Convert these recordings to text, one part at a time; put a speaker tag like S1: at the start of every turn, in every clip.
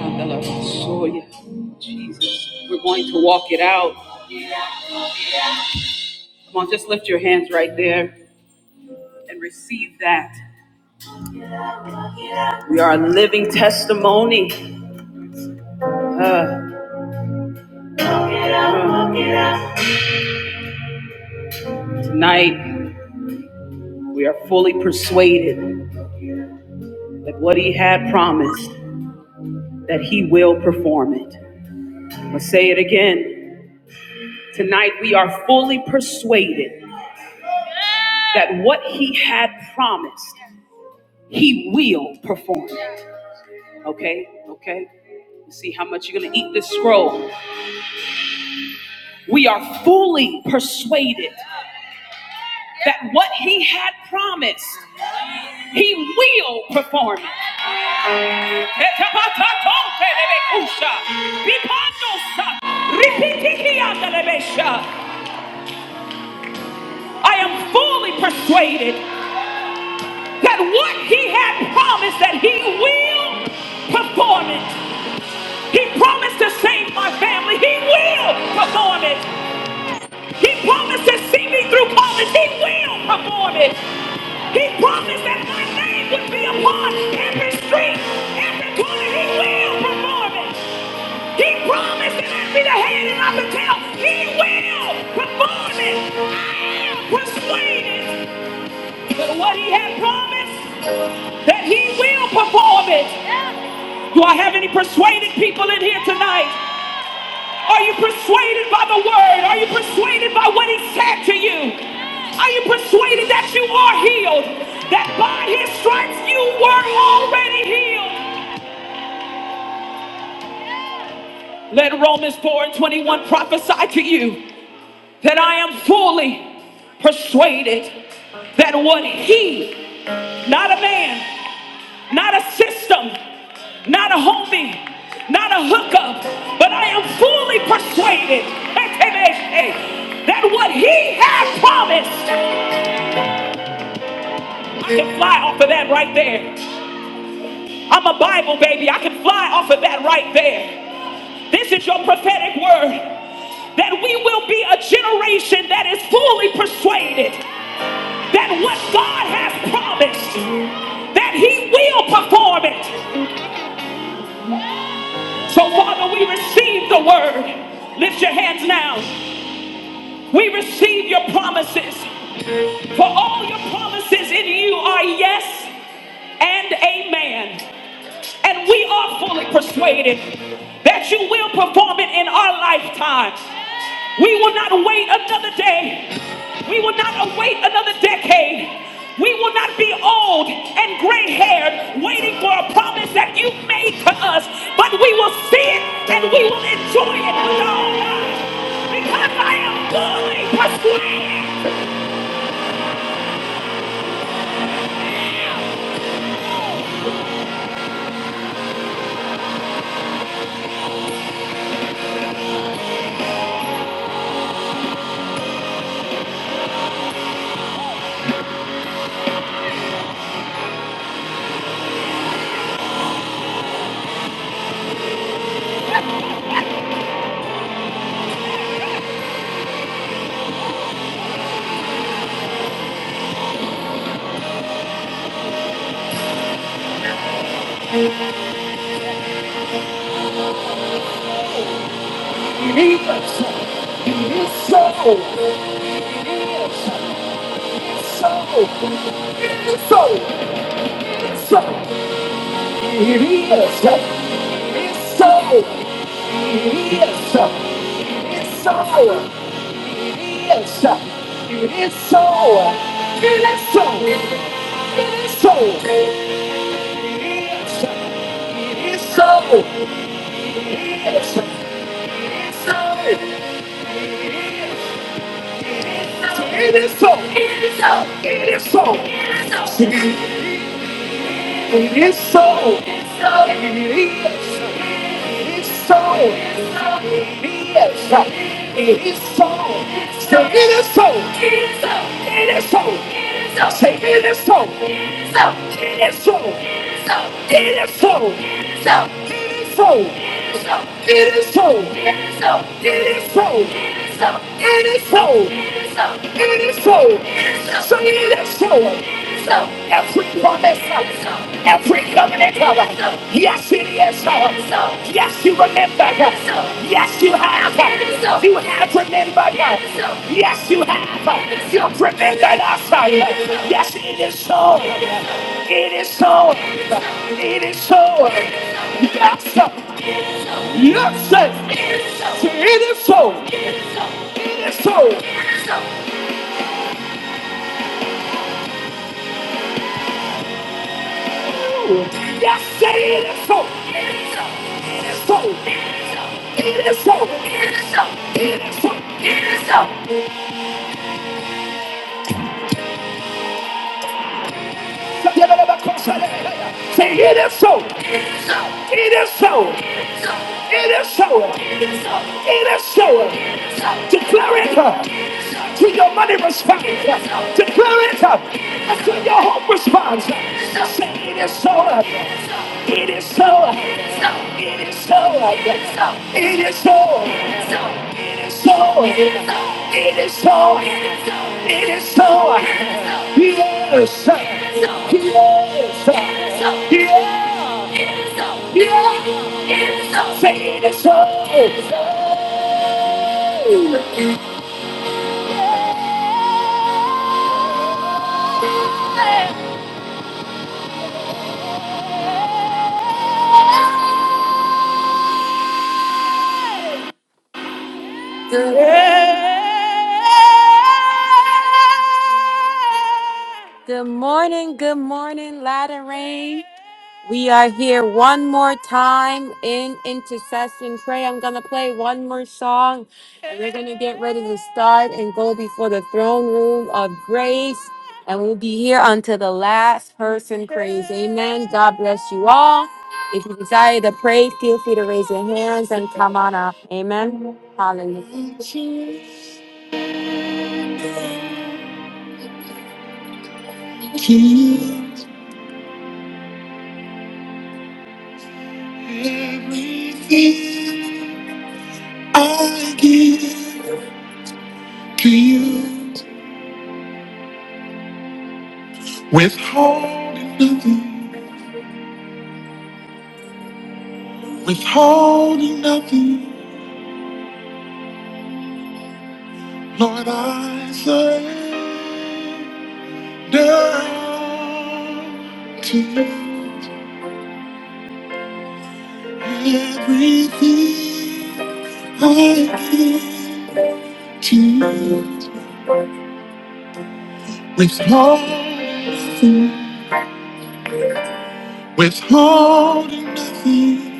S1: Hallelujah. Jesus. We're going to walk it out. Come on, just lift your hands right there and receive that. We are a living testimony. Uh, uh, tonight, we are fully persuaded that what he had promised, that he will perform it. I'm say it again. Tonight, we are fully persuaded that what he had promised, he will perform it. Okay? Okay? See how much you're going to eat this scroll. We are fully persuaded that what he had promised, he will perform it. I am fully persuaded that what he had promised that he will perform it. He promised to save my family. He will perform it. He promised to see me through college. He will perform it. He promised that my name would be upon every street, every corner. He will perform it. He promised that I'd be the head and not the tail. He will perform it. I am persuaded that what he had promised, that he will perform it. Do I have any persuaded people in here tonight? Are you persuaded by the word? Are you persuaded by what he said to you? Are you persuaded that you are healed? That by his stripes you were already healed? Let Romans 4 and 21 prophesy to you. that I am fully persuaded that what he, not a man, not a system, not a homie, not a hookup, but I am fully persuaded that what he has promised, I can fly off of that right there. I'm a Bible baby. I can fly off of that right there. This is your prophetic word that we will be a generation that is fully persuaded. that what God has promised, that He will perform it. So, Father, we receive the word. Lift your hands now. We receive your promises. For all your promises in you are yes and amen. And we are fully persuaded that you will perform it in our lifetime. We will not wait another day. We will not await another decade. We will not be old and gray haired waiting for a promise that you made to us, but we will see it and we will enjoy it with our own I am fully persuaded. It is. so. It is so. It is so. It is so. It is so. It is. so. It is so. It is. so. It is so. It is. so. It is so. It is so. It is so. It is. so. It is so. It is. so. It is so. It is so. It is so. It is so. It is so. It is so. Say it is so. It is so. It is so. Say it is so. It is so. It is so. It is so. so, it is so, it is so, it is so, it is so, it is so, it is so, it is so, it is so, did it is so, so, so it is so. So every promise, so every covenant, so yes it is so. so yes you remember, so yes you have, so you have remembered, so yes you have, you've remembered us, so yes it is so. It is so. It is so. Yes, sir. Yes, sir. It is so. It is so. Ooh. Yes, sir. It is so. It is so. It is so. It is so. It is so. it is so. Say, it is so. It is so. It is so. It is so. It is so. Declare it up to your money response. Declare it up to your home response. Say it is so. It is so. It is so. It is so. It is so. It is so. It is so. Yes. Yes. Yes. Yes. Say it is so. Good, good morning, good morning, Latter rain. We are here one more time in intercession prayer. I'm going to play one more song and we're going to get ready to start and go before the throne room of grace. And we'll be here until the last person prays. Amen. God bless you all. If you desire to pray, feel free to raise your hands and come on up. Amen. Hallelujah. Give everything I give to you. Withholding nothing, withholding nothing, Lord, I surrender to you. Everything I give to you. Withholding nothing, withholding nothing,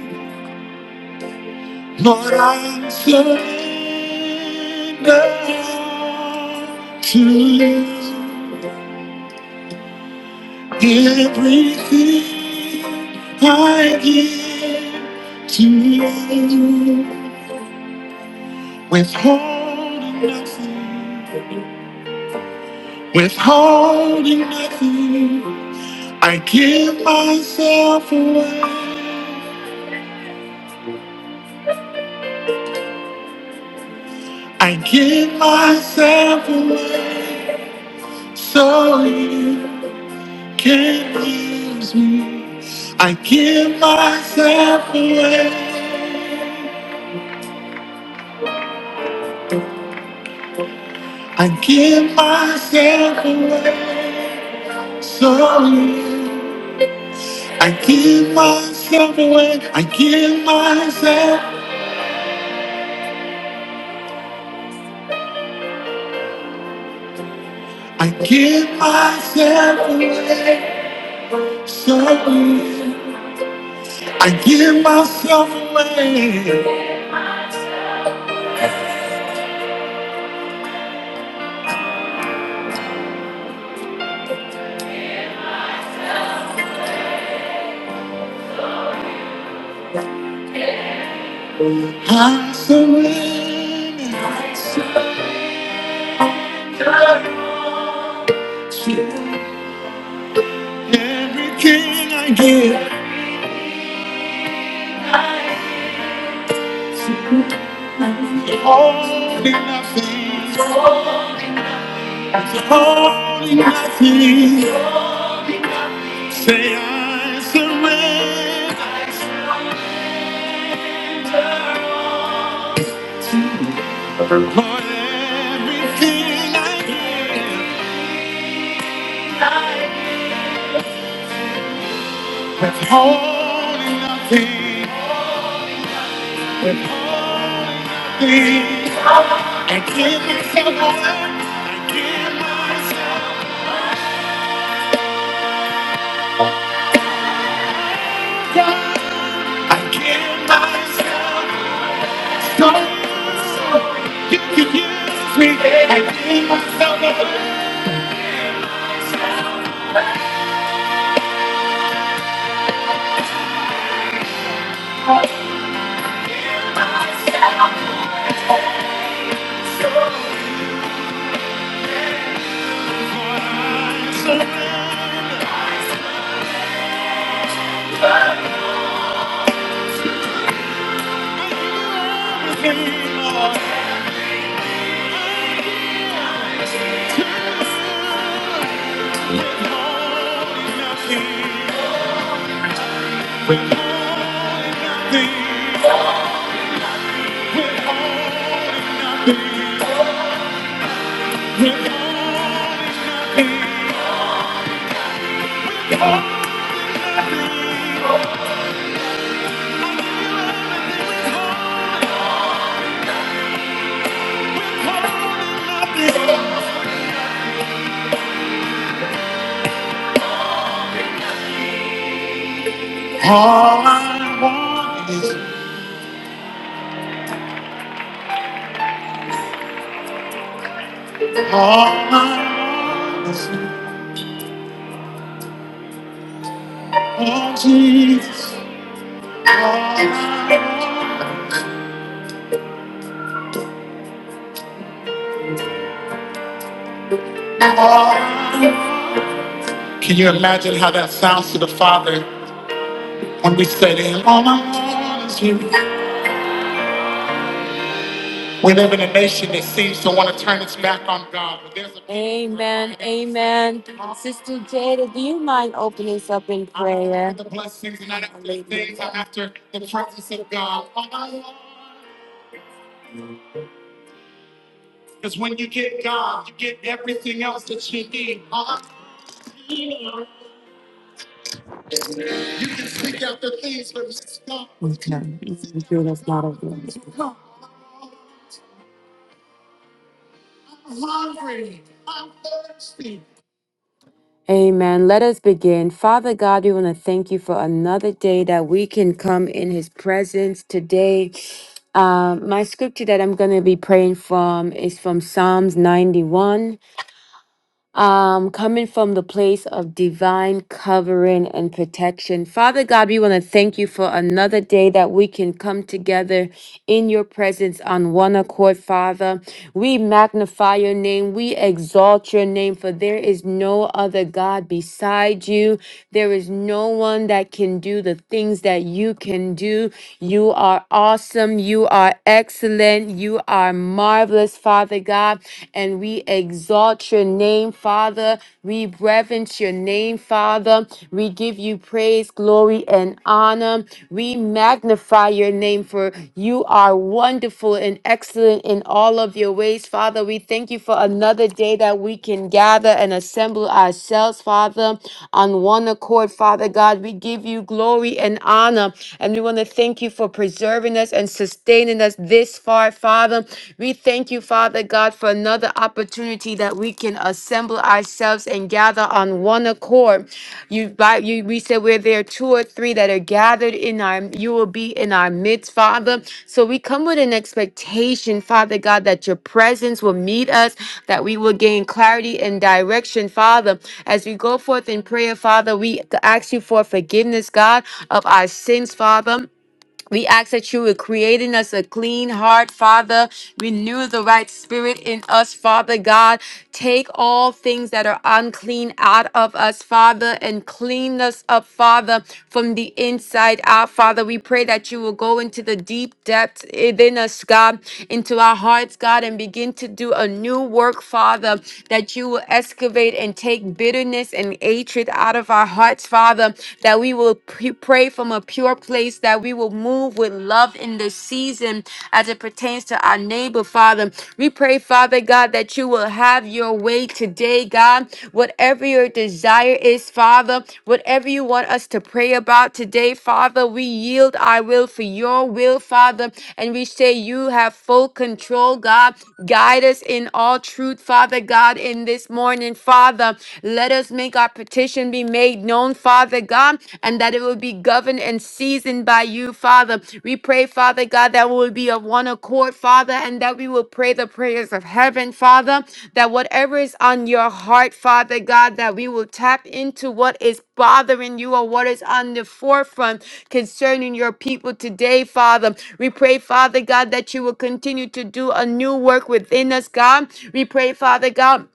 S1: Lord, I surrender to you. Everything I give to you, withholding nothing, withholding nothing. I give myself away, I give myself away, so you can use me. I give myself away. I give myself away slowly. I give myself away. I give myself. I give myself away slowly. I give myself away. I surrender to everything I give. Holding nothing. Holding nothing. Say I surrender to you. Lord, everything I give. Withholding nothing, withholding nothing. I give myself away. I give myself, I give myself. So you so you can use me. I give myself away. Lord, I surrender. All I want is, all I want is. Oh, Can you imagine how that sounds to the Father when we say to Him, All I want is you? We live in a nation that seems to want to turn its back on God. But there's a Amen. Amen. Sister Jada, do you mind opening us up in prayer? the blessings, and not after the things, I'm after the presence of God. All I want. Because when you get God, you get everything else that you need. All I want. You can seek out the things from this God. I'm hungry. I'm thirsty. Amen. Let us begin. Father God, we want to thank you for another day that we can come in his presence today. Um, my scripture that I'm going to be praying from is from Psalms 91. um, coming from the place of divine covering and protection. Father God, we want to thank you for another day that we can come together in your presence on one accord, Father. We magnify your name, we exalt your name, for there is no other God beside you. There is no one that can do the things that you can do. You are awesome, you are excellent, you are marvelous, Father God. God, and we exalt your name, Father. We reverence your name, Father. We give you praise, glory, and honor. We magnify your name, for you are wonderful and excellent in all of your ways, Father. We thank you for another day that we can gather and assemble ourselves, Father, on one accord, Father God. We give you glory and honor, and we want to thank you for preserving us and sustaining us this far, Father. We thank you, Father God, for another opportunity that we can assemble ourselves and gather on one accord. You, by, you we said where there are two or three that are gathered in our, you will be in our midst, Father. So we come with an expectation, Father God, that your presence will meet us, that we will gain clarity and direction, Father. As we go forth in prayer, Father, we ask you for forgiveness, God, of our sins, Father. We ask that you would create in us a clean heart, Father. Renew the right spirit in us, Father God. Take all things that are unclean out of us, Father, and clean us up, Father, from the inside out, Father. We pray that you will go into the deep depths within us, God, into our hearts, God, and begin to do a new work, Father, that you will excavate and take bitterness and hatred out of our hearts, Father, that we will will p- pray from a pure place, that we will move with love in this season as it pertains to our neighbor, Father. We pray, Father God, that you will have your way today, God. Whatever your desire is, Father, whatever you want us to pray about today, Father, we yield our will for your will, Father, and we say you have full control, God. Guide us in all truth, Father God, in this morning, Father. Let us make our that petition be made known, Father God, and that it will be governed and seasoned by you, Father. We pray, Father God, that we will be of one accord, Father, and that we will pray the prayers of heaven, Father, that whatever is on your heart, Father God, that we will tap into what is bothering you or what is on the forefront concerning your people today, Father. We pray, Father God, that you will continue to do a new work within us, God. We pray, Father God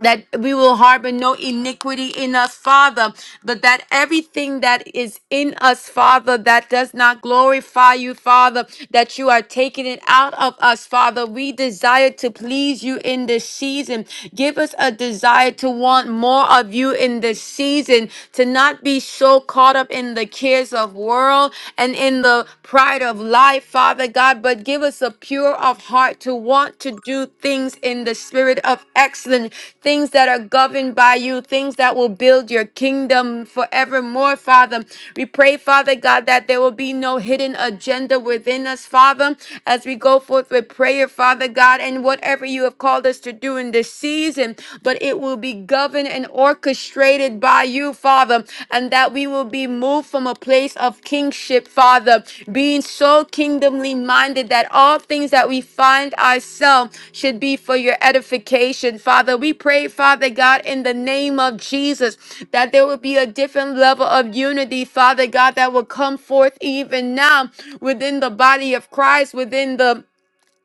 S1: that we will harbor no iniquity in us, Father, but that everything that is in us, Father, that does not glorify you, Father, that you are taking it out of us, Father. We desire to please you in this season. Give us a desire to want more of you in this season, to not be so caught up in the cares of world and in the pride of life life, Father God, but give us a pure of heart to want to do things in the spirit of excellence, things that are governed by you, things that will build your kingdom forevermore, Father. We pray, Father God, that there will be no hidden agenda within us, Father, as we go forth with prayer, Father God, and whatever you have called us to do in this season, but it will be governed and orchestrated orchestrated by you, Father, and that we will be moved from a place of kingship, Father, being so kingdomly minded that all things that we find ourselves should be for your edification, Father. We pray, Father God, in the name of Jesus, that there will be a different level of unity, Father God, that will come forth even now within the body of Christ, within the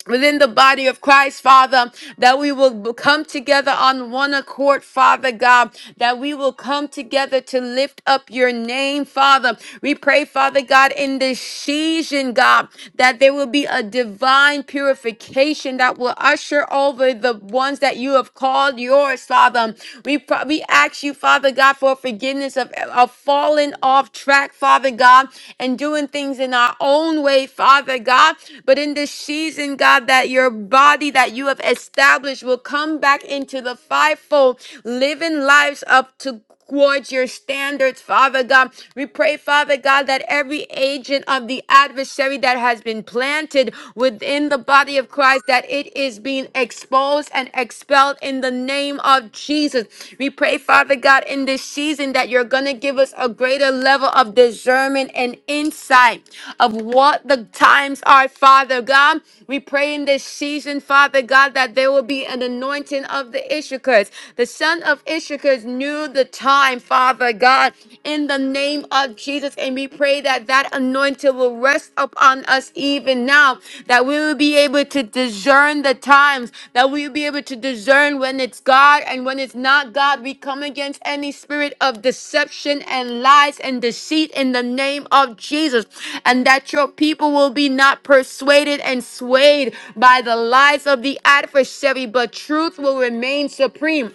S1: within the body of Christ, Father, that we will b- come together on one accord, Father God, that we will come together to lift up your name, Father. We pray, Father God, in this season, God, that there will be a divine purification that will usher over the ones that you have called yours, Father. We, pro- we ask you, Father God, for forgiveness of, of fallen falling off track, Father God, and doing things in our own way, Father God. But in this season, God, that your body that you have established will come back into the fivefold, living lives up to towards your standards, Father God. We pray, Father God, that every agent of the adversary that has been planted within the body of Christ, that it is being exposed exposed and expelled in the name of Jesus. We pray, Father God, in this season that you're going to give us a greater level of discernment and insight of what the times are, Father God. We pray in this season, Father God, that there will be an anointing of the Issachars. The son of Issachars knew the time, Father God, in the name of Jesus. And we pray that that anointing will rest upon us even now, that we will be able to discern the times, that we will be able to discern when it's God and when it's not God. We come against any spirit of deception and lies and deceit in the name of Jesus, and that your people will be not persuaded and swayed by the lies of the adversary, but truth will remain supreme.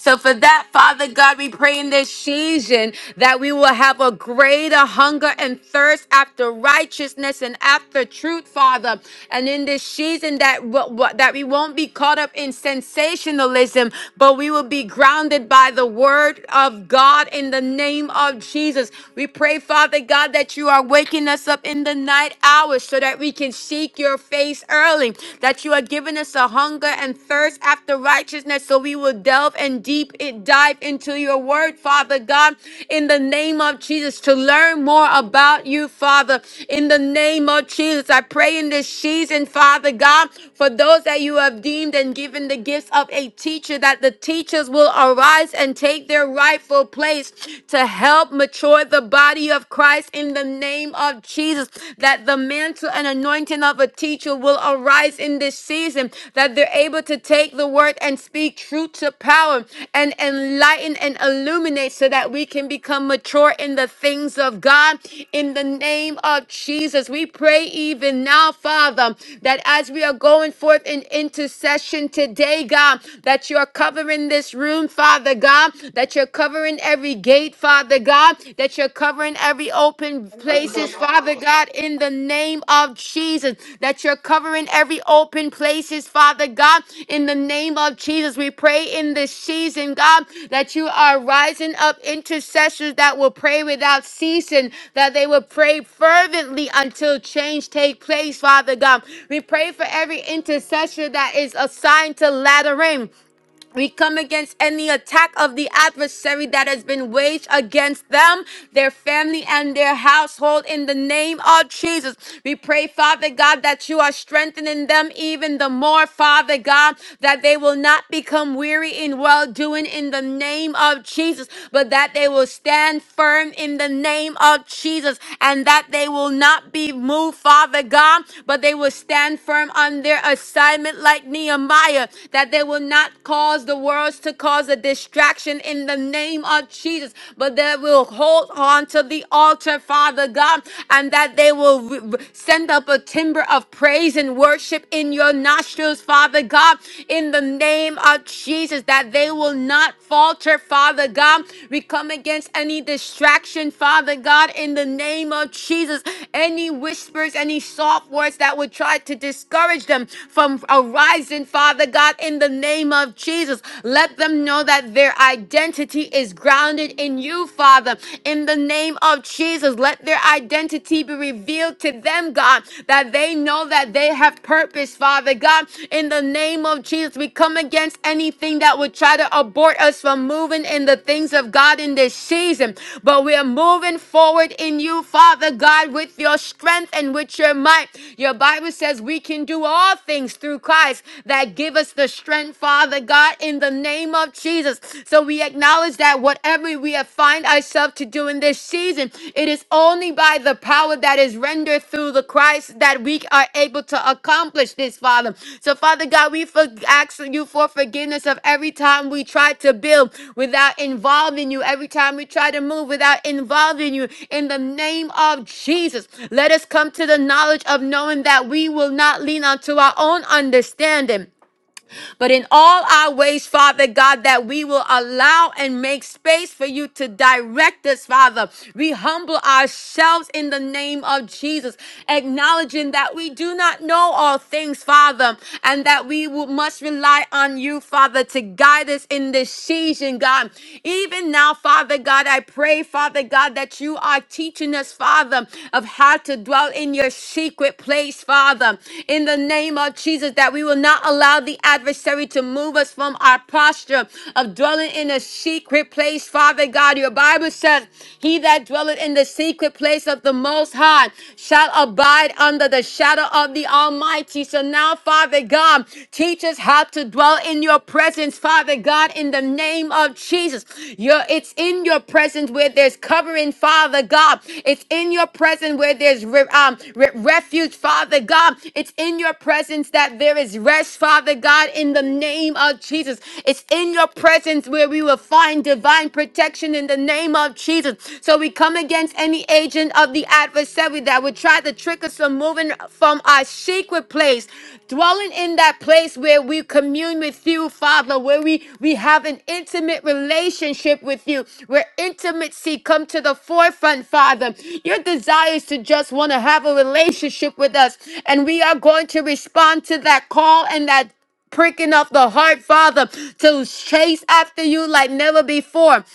S1: So for that, Father God, we pray in this season that we will have a greater hunger and thirst after righteousness and after truth, Father. And in this season that what, what- that we won't be caught up in sensationalism, but we will be grounded by the word of God in the name of Jesus. We pray, Father God, that you are waking us up in the night hours so that we can seek your face early, that you are you are giving us a hunger and thirst after righteousness. So we will delve and deep it dive into your word, Father God, in the name of Jesus, to learn more about you, Father. In the name of Jesus, I pray in this season, Father God, for those that you have deemed and given the gifts of a teacher, that the teachers will arise and take their rightful place to help mature the body of Christ in the name of Jesus. Jesus, that the mantle and anointing of a teacher will arise in this season, that they're able to take the word and speak truth to power and enlighten and illuminate so that we can become mature in the things of God. In the name of Jesus, we pray even now, Father, that as we are going forth in intercession today, God, that you're covering this room, Father God, that you're covering every gate state, Father God, that you're covering every open
S2: I think
S1: places,
S2: so.
S1: Father God, in the name of Jesus, that you're covering every open places, Father God, in the name of Jesus. We pray in this season, God, that you are rising up intercessors that will pray without ceasing, that they will pray fervently until change take place, Father God. We pray for every intercessor that is assigned to laddering. We come against any attack of the adversary that has been waged against them, their family, and their household in the name of Jesus. We pray, Father God, that you are strengthening them even the more, Father God, that they will not become weary in well doing in the name of Jesus, but that they will stand firm in the name of Jesus and that they will not be moved, Father God, but they will stand firm on their assignment like Nehemiah, that they will not not cause the words to cause a distraction in the name of Jesus, but that will hold on to the altar, Father God, and that they will re- re- send up a timber of praise and worship in your nostrils, Father God, in the name of Jesus, that they will not falter, Father God. We come against any distraction, Father God, in the name of Jesus, any whispers, any soft words that would try to discourage them from arising, Father God, in the name of Jesus. Let them know that their identity is grounded in you, Father. In the name of Jesus, let their identity be revealed to them, God, that they know that they have purpose, Father God. In the name of Jesus, we come against anything that would try to abort us from moving in the things of God in this season. But we are moving forward in you, Father God, with your strength and with your might. Your Bible says we can do all things through Christ that give us us the strength, Father God, in the name of Jesus. So we acknowledge that whatever we have find ourselves to do in this season, it is only by the power that is rendered through the Christ that we are able to accomplish this, Father. So, Father God, we for- ask you for forgiveness of every time we try to build without involving you, every time we try to move without involving you. In the name of Jesus, let us come to the knowledge of knowing that we will not lean onto our own understanding but in all our ways, Father God, that we will allow and make space for you to direct us, Father. We humble ourselves in the name of Jesus, acknowledging that we do not know all things, Father, and that we will, must rely on you, Father, to guide us in this season, God. Even now, Father God, I pray, Father God, that you are teaching us, Father, of how to dwell in your secret place, Father. In the name of Jesus, that we will not allow the adversary to move us from our posture of dwelling in a secret place, Father God. Your Bible says, He that dwelleth in the secret place of the Most High shall abide under the shadow of the Almighty. So now, Father God, teach us how to dwell in your presence, Father God, God, in the name of Jesus. Your it's in your presence where there's covering, Father God. It's in your presence where there's re- um, re- refuge, Father God. It's in your presence that there is rest, Father God, in the name of Jesus. It's in your presence where we will find divine protection in the name of Jesus. So we come against any agent of the adversary that would try to trick us from moving coming from our secret place, dwelling in that place where we commune with you, Father, where we, we have an intimate relationship with you, where intimacy come to the forefront, Father. Your desire is to just want to have a relationship with us, and we are going to respond to that call and that pricking of the heart, Father, to chase after you like never before.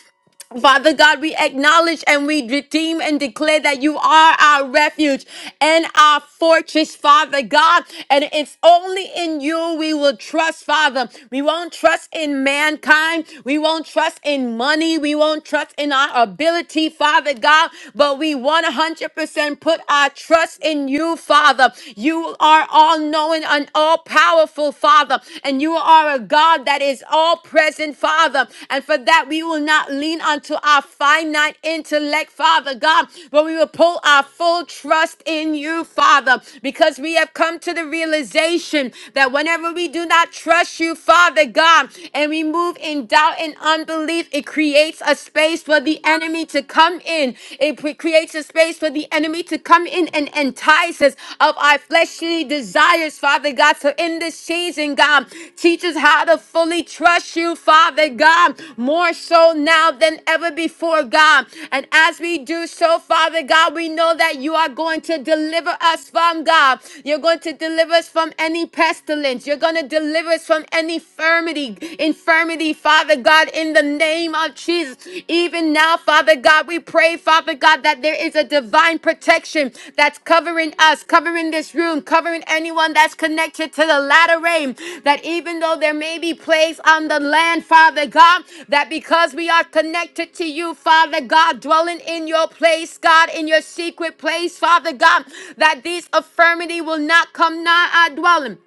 S1: Father God, we acknowledge and we redeem and declare that you are our refuge and our fortress, Father God. And it's only in you we will trust, Father. We won't trust in mankind. We won't trust in money. We won't trust in our ability, Father God. But we 100% put our trust in you, Father. You are all knowing and all powerful, Father. Father. And you are a God that is all present, Father. And for that, we will not lean unto our finite intellect, Father God, but we will pull our full trust in you, Father, because we have come to the realization that whenever we do not trust you, Father God, and we move in doubt and unbelief, it creates a space for the enemy to come in. It pre- creates a space for the enemy to to come in and entice us of our fleshly desires, Father God. So in this season, God, teach us how to fully trust you, Father God, more so now than ever before, God. And as we do so, Father God, we know that you are going to deliver us from God. You're going to deliver us from any pestilence. You're going to deliver us from any infirmity, infirmity, Father God, in the name name of Jesus. Even now, Father God, we pray, Father God, that there is a divine protection that's covering us, covering this room, covering anyone that's connected to the latter rain. That even though there may be plagues on the land, Father God, that because we are connected to you, Father God, dwelling in your place, God, in your secret place, Father God, that these affirmity will not come nigh our dwelling.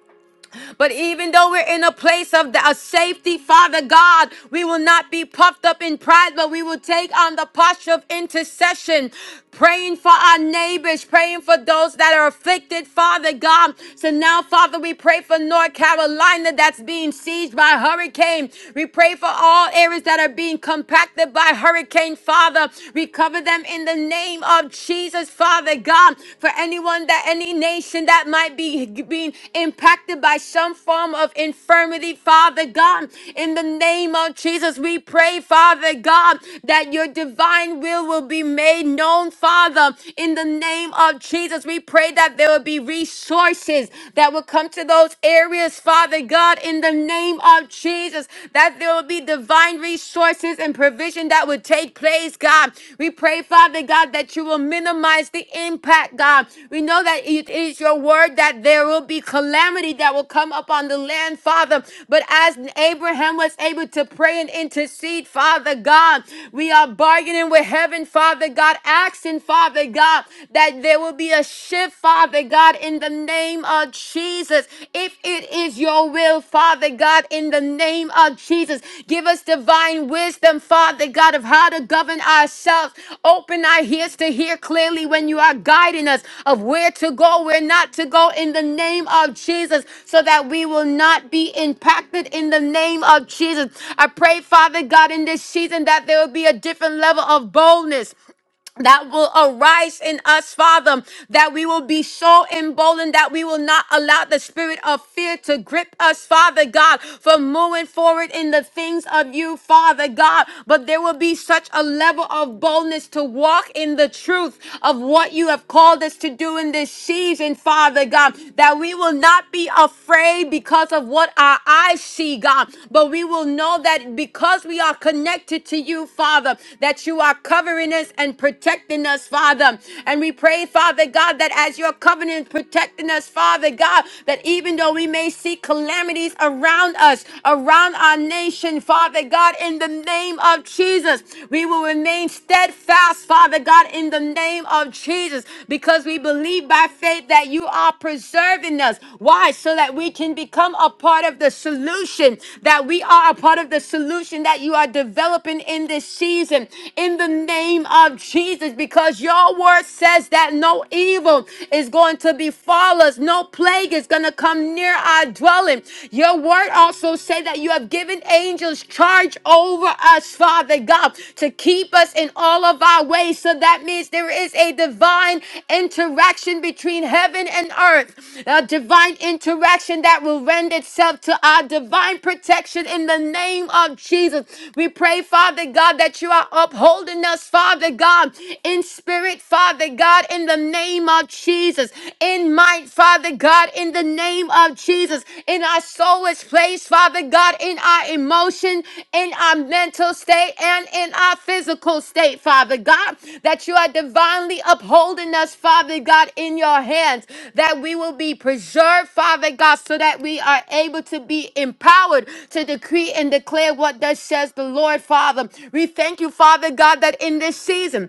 S1: But even though we're in a place of the, a safety, Father God, we will not be puffed up in pride, but we will take on the posture of intercession, praying for our neighbors, praying for those that are afflicted, Father God. So now, Father, we pray for North Carolina that's being sieged by hurricane. We pray for all areas that are being compacted by hurricane, Father. We cover them in the name of Jesus. Jesus, Father God, for anyone that any nation that might be being impacted by some form of infirmity, Father God, in the name of Jesus, we pray, Father God, that your divine will will be made known, Father, in the name of Jesus. We pray that there will be resources that will come to those areas, Father God, in the name of Jesus, that there will be divine divine resources and provision that would take place, God. We pray, Father God, that you will minimize the impact, God. We know that it is your word that there will be calamity that will come upon the land, Father. But as Abraham was able to pray and intercede, Father God, we are bargaining with heaven, Father God, asking, Father God, that there will be a shift, Father God, in the name of of Jesus. If it is your will, Father God, in the name of Jesus, give us divine wisdom, Father God, of how to govern ourselves. Open our ears to hear clearly when you are guiding us of where to go, where not to go, in the name of Jesus, so that we will not be impacted in the name of Jesus. I pray, Father God, in this season that there will be a different level of boldness that will arise in us, Father, that we will be so emboldened that we will not allow the spirit of fear to grip us, Father God, from moving forward in the things of you, Father God. But there will be such a level of boldness to walk in the truth of what you have called us to do in this season, Father God, that we will not be afraid because of what our eyes see, God, but we will know that because we are connected to you, Father, that you are covering us and protecting protecting us, Father. And we pray, Father God, that as your covenant protecting us, Father God, that even though we may see calamities around us, around our nation, Father God, in the name of Jesus, we will remain steadfast, Father God, in the name of Jesus, because we believe by faith that you are preserving us. Why? So that we can become a part of the solution, that we are a part of the solution that you are developing in this season. In the name of Jesus. Jesus, because your word says that no evil is going to befall us, no plague is going to come near our dwelling. Your word also say that you have given angels charge over us, Father God, to keep us in all of our ways. So that means there is a divine interaction between heaven and earth, a divine interaction that will render itself to our divine protection in the name of Jesus. We pray, Father God, that you are upholding us, Father God come in spirit, Father God, in the name of Jesus, in mind, Father God, in the name of Jesus, in our soulless place, Father God, in our emotion, in our mental state, and in our physical state, Father God, that you are divinely upholding us, Father God, in your hands, that we will be preserved, Father God, so that we are able to be empowered to decree and declare what thus says the Lord, Father. We thank you, Father God, that in this season,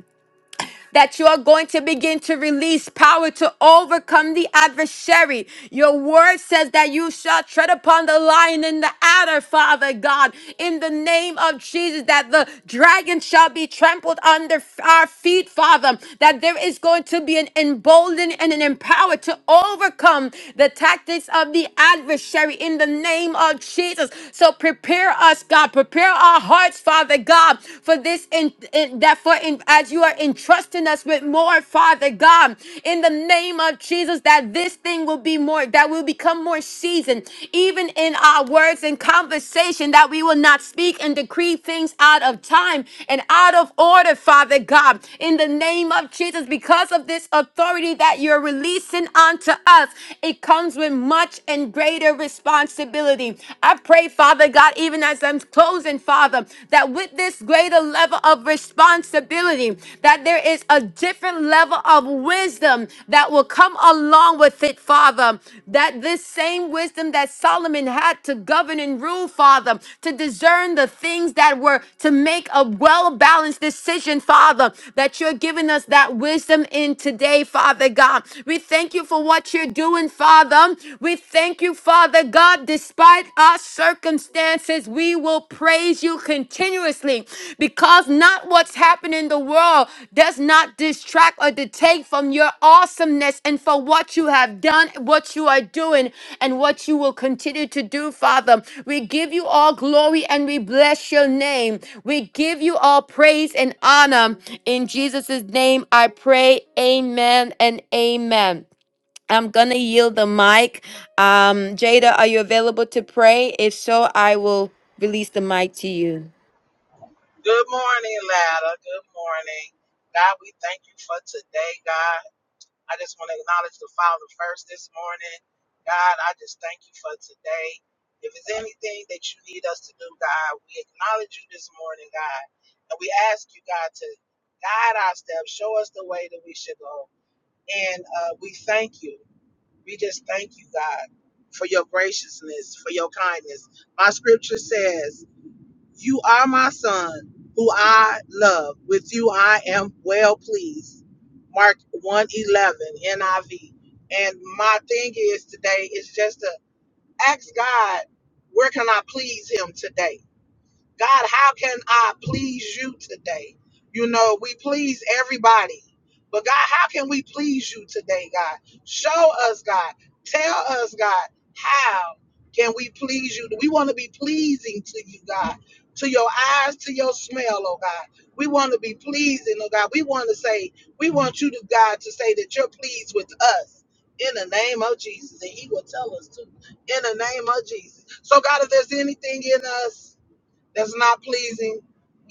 S1: that you are going to begin to release power to overcome the adversary. Your word says that you shall tread upon the lion and the adder, Father God, in the name of Jesus, that the dragon shall be trampled under our feet, Father, that there is going to be an emboldened and an empowered to overcome the tactics of the adversary in the name of Jesus. So prepare us, God, prepare our hearts, Father God, for for this in, in that for in, as you are entrusting us with more, Father God, in the name of Jesus, that this thing will be more, that will become more seasoned, even in our words and conversation, that we will not speak and decree things out of time and out of order, Father God, in the name of Jesus, because of this authority that you're releasing onto us, it comes with much and greater responsibility. I pray, Father God. God, God, even as I'm closing, Father, that with this greater level of responsibility, that there is a different level of wisdom that will come along with it, Father. That this same wisdom that Solomon had to govern and rule, Father, to discern the things that were to make a well balanced decision, Father, that you're giving us that wisdom in today, Father God. We thank you for what you're doing, Father. We thank you you, Father God, despite our circumstances, we will praise you continuously because not what's happened in the world does not distract or detake from your awesomeness and for what you have done, what you are doing, and what you will continue to do, Father. We give you all glory and we bless your name. We give you all praise and honor. In Jesus' name, I pray. Amen and amen. I'm gonna yield the mic. Um, Jada, are you available to pray? If so, I will release the mic to you.
S3: Good morning, Lada. Good morning. God, we thank you for today, God. I just want to acknowledge the Father first this morning. God, I just thank you for today. If there's anything that you need us to do, God, we acknowledge you this morning, God. And we ask you, God, to guide our steps, show us the way that we should go. And uh, we thank you. We just thank you, God, for your graciousness, for your kindness. My scripture says, you are my son, who I love. With you I am well pleased. Mark 111 NIV. And my thing is today is just to ask God, where can I please him today? God, how can I please you today? You know, we please everybody. But God, how can we please you today, God? Show us, God. Tell us, God, how can we please you? We want to be pleasing to you, God, to your eyes, to your smell, oh God. We want to be pleasing, oh God. We want to say, we want you to, God, to say that you're pleased with us in the name of Jesus. And He will tell us too, in the name of Jesus. So, God, if there's anything in us, that's not pleasing,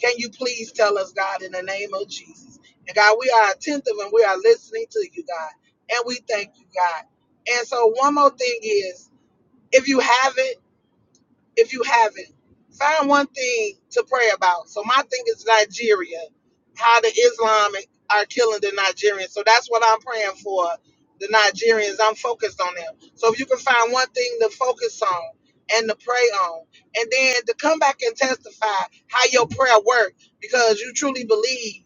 S3: can you please tell us, God, in the name of Jesus? And God, we are attentive and we are listening to you, God. And we thank you, God. And so, one more thing is if you haven't, if you haven't, find one thing to pray about. So my thing is Nigeria, how the Islamic are killing the Nigerians. So that's what I'm praying for. The Nigerians, I'm focused on them. So if you can find one thing to focus on and to pray on, and then to come back and testify how your prayer worked, because you truly believe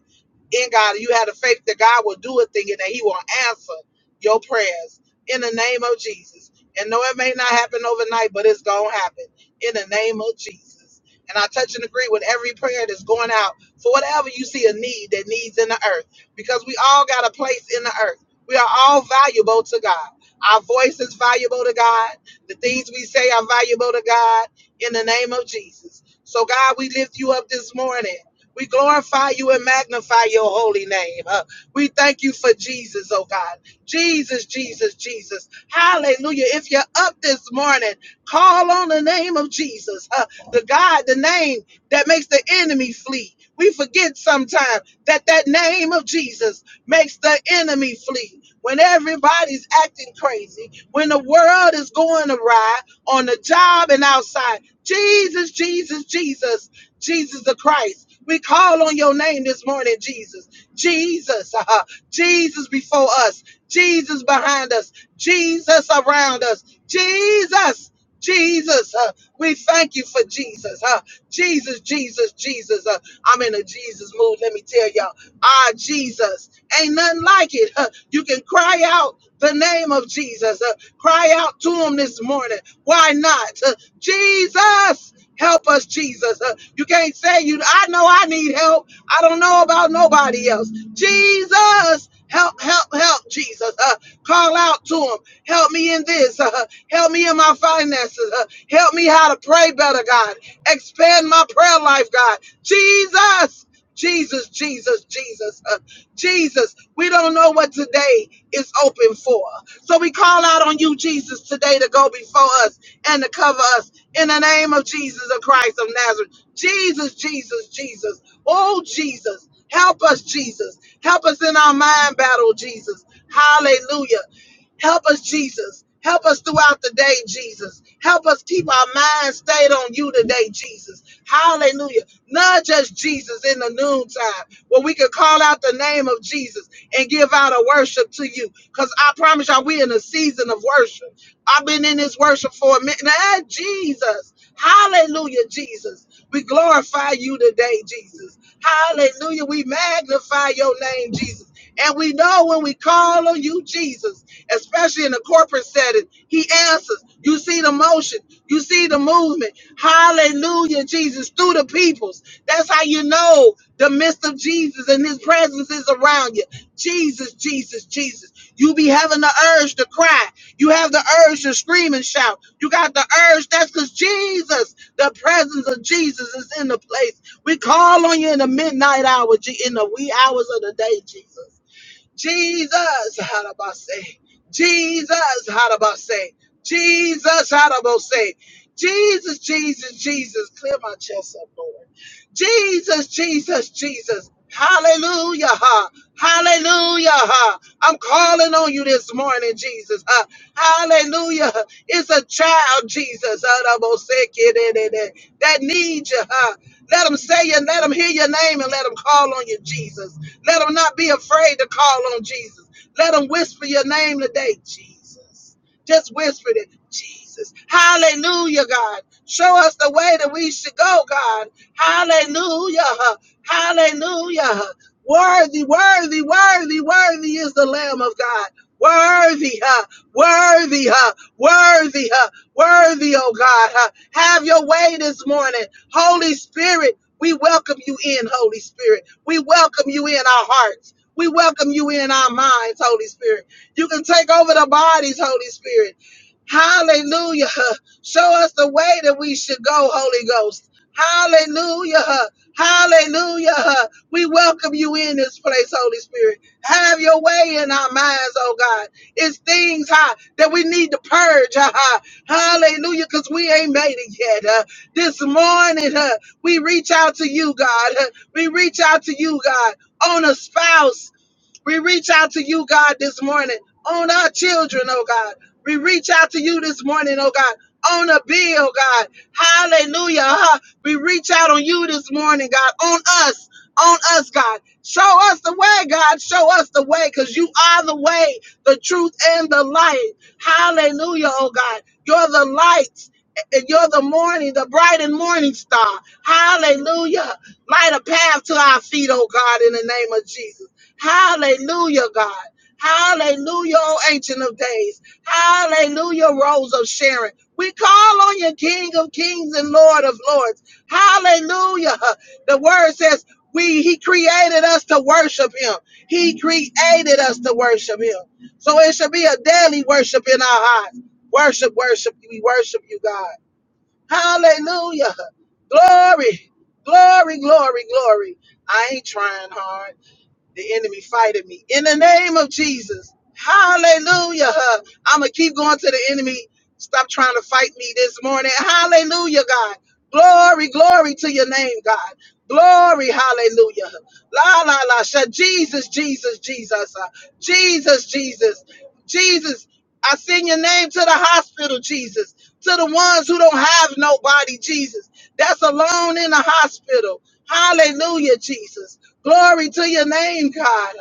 S3: in God, you had a faith that God will do a thing and that He will answer your prayers in the name of Jesus. And no, it may not happen overnight, but it's gonna happen in the name of Jesus. And I touch and agree with every prayer that's going out for whatever you see a need that needs in the earth, because we all got a place in the earth. We are all valuable to God. Our voice is valuable to God. The things we say are valuable to God in the name of Jesus. So, God, we lift you up this morning. We glorify you and magnify your holy name. Uh, we thank you for Jesus, oh God. Jesus, Jesus, Jesus. Hallelujah. If you're up this morning, Call on the name of Jesus, huh? the God, the name that makes the enemy flee. We forget sometimes that that name of Jesus makes the enemy flee. When everybody's acting crazy, when the world is going awry on the job and outside, Jesus, Jesus, Jesus, Jesus the Christ. We call on your name this morning, Jesus. Jesus, uh, Jesus before us, Jesus behind us, Jesus around us, Jesus. Jesus, uh, we thank you for Jesus. Uh, Jesus, Jesus, Jesus. Uh, I'm in a Jesus mood. Let me tell y'all, ah, Jesus, ain't nothing like it. Uh, you can cry out the name of Jesus. Uh, cry out to him this morning. Why not? Uh, Jesus, help us, Jesus. Uh, you can't say you. I know I need help. I don't know about nobody else. Jesus, help, help, help, Jesus. Uh, Call out to him. Help me in this. Uh, help me in my finances. Uh, help me how to pray better, God. Expand my prayer life, God. Jesus, Jesus, Jesus, Jesus, uh, Jesus. We don't know what today is open for. So we call out on you, Jesus, today to go before us and to cover us in the name of Jesus the Christ of Nazareth. Jesus, Jesus, Jesus. Oh, Jesus. Help us, Jesus. Help us in our mind battle, Jesus. Hallelujah. Help us, Jesus. Help us throughout the day, Jesus. Help us keep our minds stayed on you today, Jesus. Hallelujah. Not just Jesus in the noontime, where we can call out the name of Jesus and give out a worship to you. Because I promise y'all, we in a season of worship. I've been in this worship for a minute. Ah, Jesus. Hallelujah, Jesus. We glorify you today, Jesus. Hallelujah. We magnify your name, Jesus. And we know when we call on you, Jesus, especially in the corporate setting, he answers. You see the motion, you see the movement. Hallelujah, Jesus, through the peoples. That's how you know the midst of Jesus and his presence is around you. Jesus, Jesus, Jesus. You be having the urge to cry. You have the urge to scream and shout. You got the urge. That's because Jesus, the presence of Jesus is in the place. We call on you in the midnight hour, G- in the wee hours of the day, Jesus. Jesus, Harabase. Jesus, Harabase. Jesus, Harabase. Jesus, Jesus, Jesus. Clear my chest up, Lord. Jesus, Jesus, Jesus. Hallelujah. Ha. Hallelujah. Ha. I'm calling on you this morning, Jesus. Ha. Hallelujah. It's a child, Jesus, Harabase, that needs you. Ha. Let them say you, let them hear your name, and let them call on you, Jesus. Let them not be afraid to call on Jesus. Let them whisper your name today, Jesus. Just whisper it, Jesus. Hallelujah, God. Show us the way that we should go, God. Hallelujah. Hallelujah. Worthy, worthy, worthy, worthy is the Lamb of God. Worthy, huh? Worthy, huh? Worthy, huh? Worthy, oh God, huh? Have your way this morning. Holy Spirit, we welcome you in, Holy Spirit. We welcome you in our hearts. We welcome you in our minds, Holy Spirit. You can take over the bodies, Holy Spirit. Hallelujah. Show us the way that we should go, Holy Ghost. Hallelujah. Hallelujah. We welcome you in this place, Holy Spirit. Have your way in our minds, oh God. It's things huh, that we need to purge. ha. huh. Hallelujah, because we ain't made it yet. huh. This morning, huh, we reach out to you, God. Uh, we reach out to you, God, on a spouse. We reach out to you, God, this morning on our children, oh God. We reach out to you this morning, oh God, on a bill, God. Hallelujah. huh? We reach out on you this morning, God, on us, on us, God. Show us the way, God. Show us the way because you are the way, the truth, and the light. Hallelujah, oh God. You're the light. And you're the morning, the bright and morning star. Hallelujah. Light a path to our feet, oh God, in the name of Jesus. Hallelujah, God. Hallelujah, O Ancient of Days. Hallelujah, Rose of Sharon. We call on you, King of Kings and Lord of Lords. Hallelujah. The word says, we, he created us to worship him. He created us to worship him. So it should be a daily worship in our hearts. Worship, worship, we worship you, God. Hallelujah. Glory, glory, glory, glory. I ain't trying hard the enemy fighting me in the name of Jesus. Hallelujah. I'm going to keep going to the enemy. Stop trying to fight me this morning. Hallelujah, God. Glory, glory to your name, God. Glory, hallelujah. La, la, la. Sha- Jesus, Jesus, Jesus. Jesus, Jesus, Jesus. I send your name to the hospital, Jesus, to the ones who don't have nobody, Jesus, that's alone in the hospital. Hallelujah, Jesus. Glory to your name, God.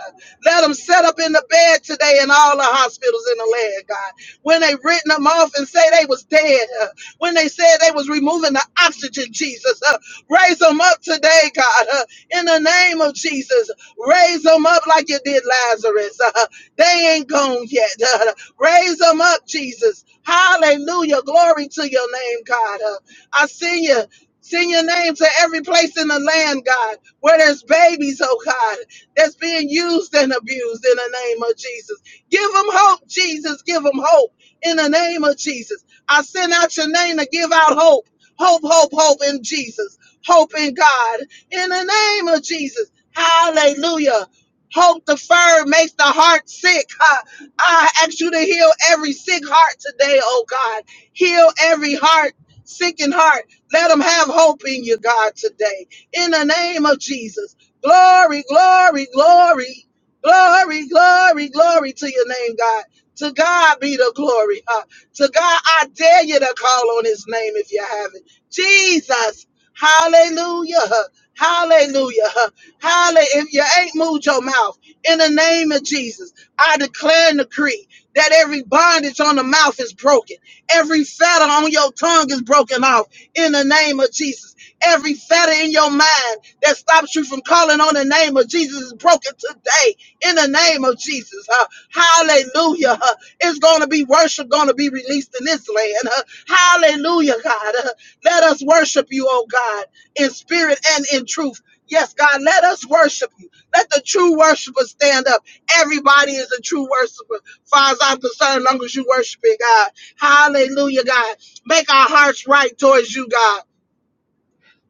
S3: Let them set up in the bed today in all the hospitals in the land, God. When they written them off and say they was dead, uh, when they said they was removing the oxygen, Jesus, uh, raise them up today, God, uh, in the name of Jesus. Raise them up like you did Lazarus. Uh, they ain't gone yet. Uh, raise them up, Jesus. Hallelujah. Glory to your name, God. Uh, I see you. Send your name to every place in the land, God, where there's babies, oh God, that's being used and abused in the name of Jesus. Give them hope, Jesus. Give them hope in the name of Jesus. I send out your name to give out hope. Hope, hope, hope in Jesus. Hope in God. In the name of Jesus. Hallelujah. Hope deferred makes the heart sick. Huh? I ask you to heal every sick heart today, oh God. Heal every heart, sickened heart. Let them have hope in you, God, today. In the name of Jesus. Glory, glory, glory, glory, glory, glory to your name, God. To God be the glory. Huh? To God, I dare you to call on his name if you haven't. Jesus. Hallelujah. Huh? Hallelujah. Hallelujah! if you ain't moved your mouth. In the name of Jesus, I declare and decree that every bondage on the mouth is broken. Every fetter on your tongue is broken off in the name of Jesus. Every fetter in your mind that stops you from calling on the name of Jesus is broken today in the name of Jesus. huh? hallelujah. huh? it's going to be worship going to be released in this land. huh? hallelujah, God. huh? let us worship you, oh God, in spirit and in truth. Yes, God, let us worship you. Let the true worshiper stand up. Everybody is a true worshiper, far as I'm concerned, long as you worship it, God. Hallelujah, God. Make our hearts right towards you, God.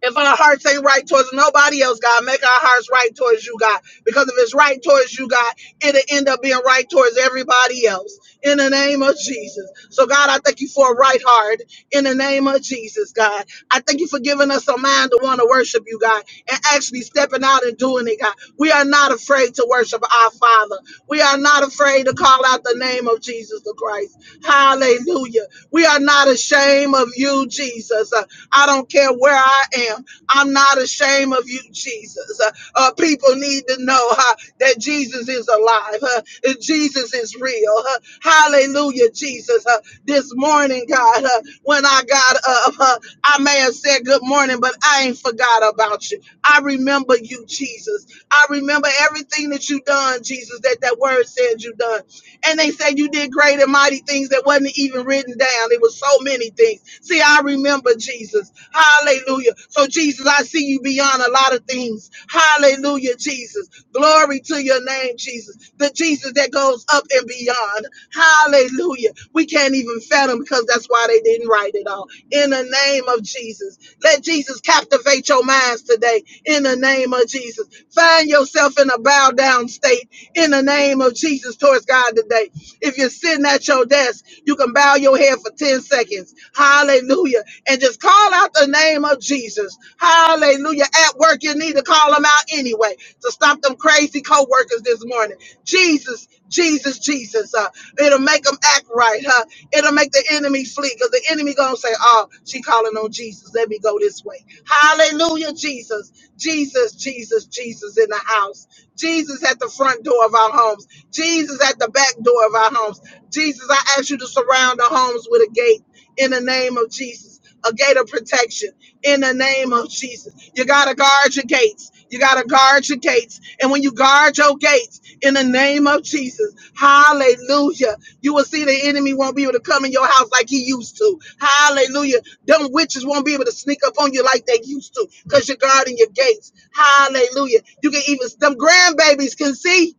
S3: If our hearts ain't right towards nobody else, God, make our hearts right towards you, God. Because if it's right towards you, God, it'll end up being right towards everybody else. In the name of Jesus. So, God, I thank you for a right heart. In the name of Jesus, God. I thank you for giving us a mind to want to worship you, God, and actually stepping out and doing it, God. We are not afraid to worship our Father. We are not afraid to call out the name of Jesus the Christ. Hallelujah. We are not ashamed of you, Jesus. Uh, I don't care where I am. I'm not ashamed of you, Jesus. Uh, uh, people need to know uh, that Jesus is alive. Uh, that Jesus is real. Uh, hallelujah, Jesus. Uh, this morning, God, uh, when I got up, uh, I may have said good morning, but I ain't forgot about you. I remember you, Jesus. I remember everything that you done, Jesus, that that word said you done and they said you did great and mighty things that wasn't even written down. It was so many things. See, I remember Jesus. Hallelujah. So, Jesus, I see you beyond a lot of things. Hallelujah, Jesus. Glory to your name, Jesus. The Jesus that goes up and beyond. Hallelujah. We can't even fathom because that's why they didn't write it all. In the name of Jesus. Let Jesus captivate your minds today. In the name of Jesus. Find yourself in a bow down state in the name of Jesus actions towards God today. If you're sitting at your desk, you can bow your head for 10 seconds. Hallelujah. And just call out the name of Jesus. Hallelujah. At work, you need to call them out anyway to stop them crazy co workers this morning. Jesus, Jesus, Jesus. Uh, it'll make them act right, huh? It'll make the enemy flee because the enemy going to say, oh, she calling on Jesus. Let me go this way. Hallelujah, Jesus. Jesus, Jesus, Jesus in the house. Jesus at the front door of our home homes. Jesus at the back door of our homes. Jesus, I ask you to surround our homes with a gate in the name of Jesus, a gate of protection in the name of Jesus. You got to guard your gates. You got to guard your gates. And when you guard your gates in the name of Jesus, hallelujah, you will see the enemy won't be able to come in your house like he used to. Hallelujah. Them witches won't be able to sneak up on you like they used to because you're guarding your gates. Hallelujah. You can even, them grandbabies can see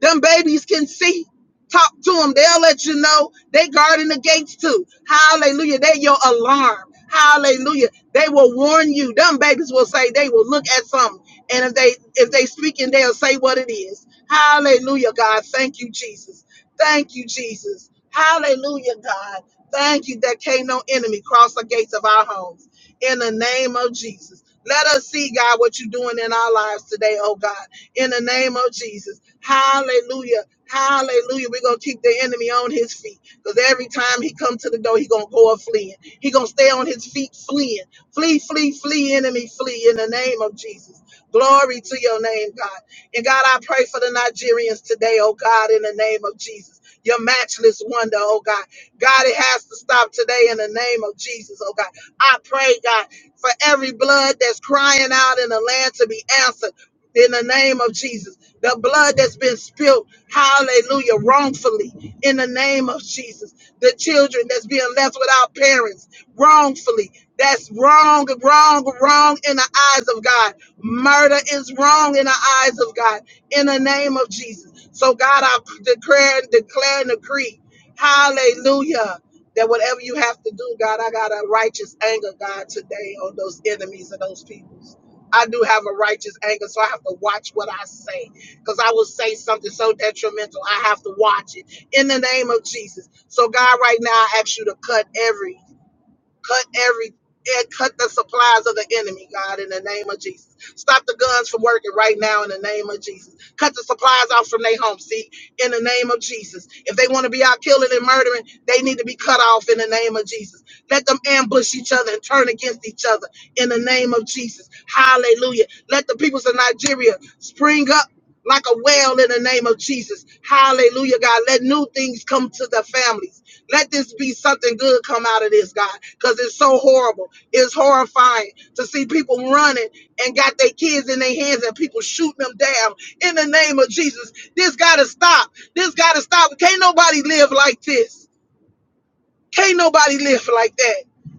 S3: them babies can see. Talk to them. They'll let you know. They guarding the gates too. Hallelujah. They your alarm. Hallelujah. They will warn you. Them babies will say they will look at something. And if they if they speaking, they'll say what it is. Hallelujah, God. Thank you, Jesus. Thank you, Jesus. Hallelujah, God. Thank you that can't no enemy cross the gates of our homes. In the name of Jesus. Let us see, God, what you're doing in our lives today, oh God in the name of Jesus. Hallelujah. Hallelujah. We're going to keep the enemy on his feet because every time he come to the door, he going to go up fleeing. He going to stay on his feet fleeing. Flee, flee, flee, enemy, flee in the name of Jesus. Glory to your name, God. And God, I pray for the Nigerians today, oh God, in the name of Jesus. Your matchless wonder, oh God. God, it has to stop today in the name of Jesus, oh God. I pray, God, for every blood that's crying out in the land to be answered in the name of Jesus. The blood that's been spilled, hallelujah, wrongfully in the name of Jesus. The children that's being left without parents wrongfully. That's wrong, wrong, wrong in the eyes of God. Murder is wrong in the eyes of God in the name of Jesus. So, God, I declare and declare and decree, hallelujah, that whatever you have to do, God, I got a righteous anger, God, today on those enemies of those people. I do have a righteous anger, so I have to watch what I say because I will say something so detrimental. I have to watch it in the name of Jesus. So, God, right now, I ask you to cut every Cut every eh, cut the supplies of the enemy, God, in the name of Jesus. Stop the guns from working right now in the name of Jesus. Cut the supplies off from their home, see, in the name of Jesus. If they want to be out killing and murdering, they need to be cut off in the name of Jesus. Let them ambush each other and turn against each other in the name of Jesus. Hallelujah. Let the peoples of Nigeria spring up like a well in the name of Jesus. Hallelujah, God. Let new things come to the families let this be something good come out of this, God, because it's so horrible. It's horrifying to see people running and got their kids in their hands and people shooting them down. In the name of Jesus, this got to stop. This got to stop. Can't nobody live like this. Can't nobody live like that.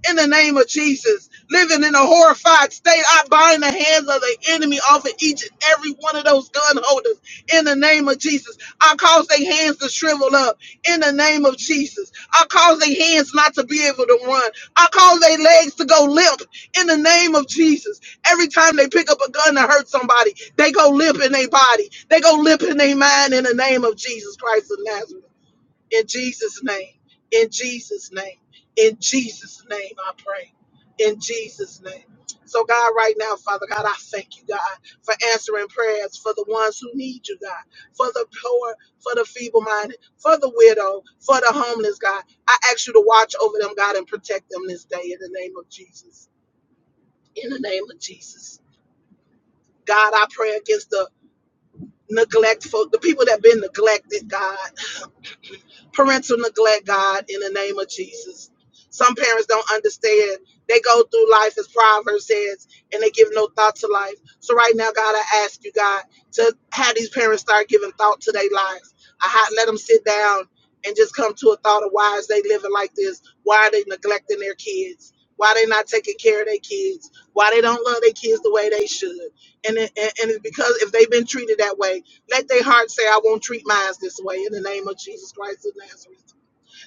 S3: In the name of Jesus, living in a horrified state, I bind the hands of the enemy off of each and every one of those gun holders. In the name of Jesus, I cause their hands to shrivel up. In the name of Jesus, I cause their hands not to be able to run. I cause their legs to go limp. In the name of Jesus, every time they pick up a gun to hurt somebody, they go limp in their body. They go limp in their mind. In the name of Jesus Christ of Nazareth. In Jesus' name, in Jesus' name, in Jesus' name, I pray. In Jesus' name. So, God, right now, Father God, I thank you, God, for answering prayers for the ones who need you, God, for the poor, for the feeble minded, for the widow, for the homeless, God. I ask you to watch over them, God, and protect them this day in the name of Jesus. In the name of Jesus. God, I pray against the neglectful, the people that have been neglected, God. parental neglect, God, in the name of Jesus. Some parents don't understand. They go through life as Proverbs says, and they give no thought to life. So right now, God, I ask you, God, to have these parents start giving thought to their lives. I ha- let them sit down and just come to a thought of why is they living like this? Why are they neglecting their kids? Why they not taking care of their kids? Why they don't love their kids the way they should? And it, and, and it's because if they've been treated that way, let their heart say, I won't treat mine this way in the name of Jesus Christ of Nazareth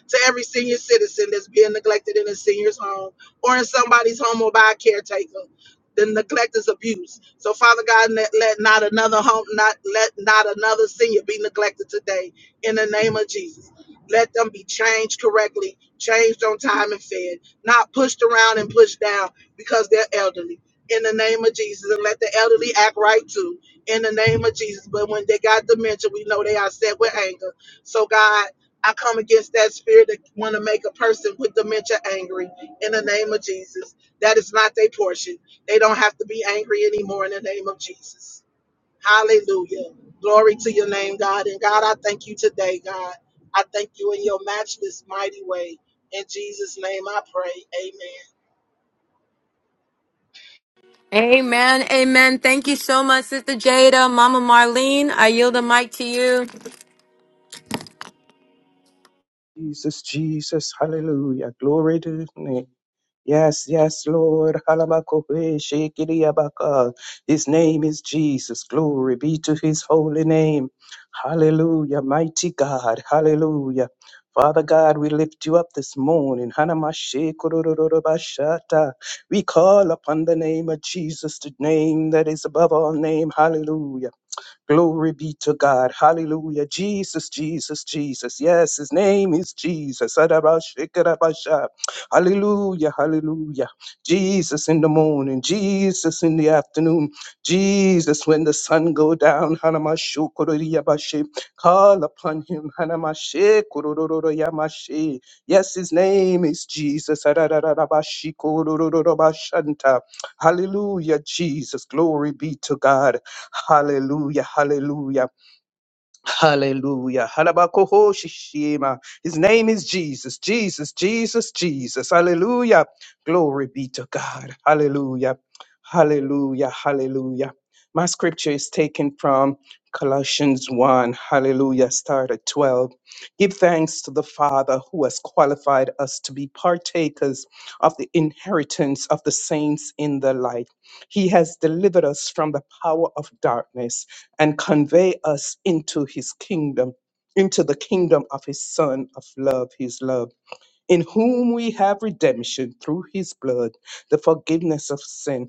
S3: to every senior citizen that's being neglected in a senior's home or in somebody's home or by a caretaker. The neglect is abuse. So Father God, let, let not another home, not let not another senior be neglected today. In the name of Jesus, let them be changed correctly, changed on time and fed, not pushed around and pushed down because they're elderly. In the name of Jesus, and let the elderly act right too. In the name of Jesus, but when they got dementia, we know they are set with anger. So God. I come against that spirit that want to make a person with dementia angry in the name of Jesus. That is not their portion. They don't have to be angry anymore in the name of Jesus. Hallelujah. Glory to your name, God. And God, I thank you today, God. I thank you in your matchless mighty way. In Jesus' name I pray. Amen.
S1: Amen. Amen. Thank you so much, Sister Jada. Mama Marlene, I yield the mic to you.
S4: Jesus, Jesus, hallelujah. Glory to his name. Yes, yes, Lord. Halamakope, shekiriabaka. His name is Jesus. Glory be to his holy name. Hallelujah. Mighty God. Hallelujah. Father God, we lift you up this morning. Hanamashe korororobashata. We call upon the name of Jesus, the name that is above all name. Hallelujah. Glory be to God. Hallelujah. Jesus, Jesus, Jesus. Yes, his name is Jesus. Adabashikarabasha. Hallelujah. Hallelujah. Jesus in the morning. Jesus in the afternoon. Jesus when the sun go down. Hanamashukuriyabashe. Call upon him. Hanamashikuroroyamashe. Yes, his name is Jesus. Adadadadabashikurorobashanta. Hallelujah. Jesus. Glory be to God. Hallelujah, hallelujah, hallelujah. Halabakoho shishima. His name is Jesus, Jesus, Jesus, Jesus. Hallelujah. Glory be to God. Hallelujah, hallelujah, hallelujah. My scripture is taken from Colossians 1, hallelujah, start at 12. Give thanks to the Father who has qualified us to be partakers of the inheritance of the saints in the light. He has delivered us from the power of darkness and convey us into his kingdom, into the kingdom of his Son of love, his love, in whom we have redemption through his blood, the forgiveness of sin.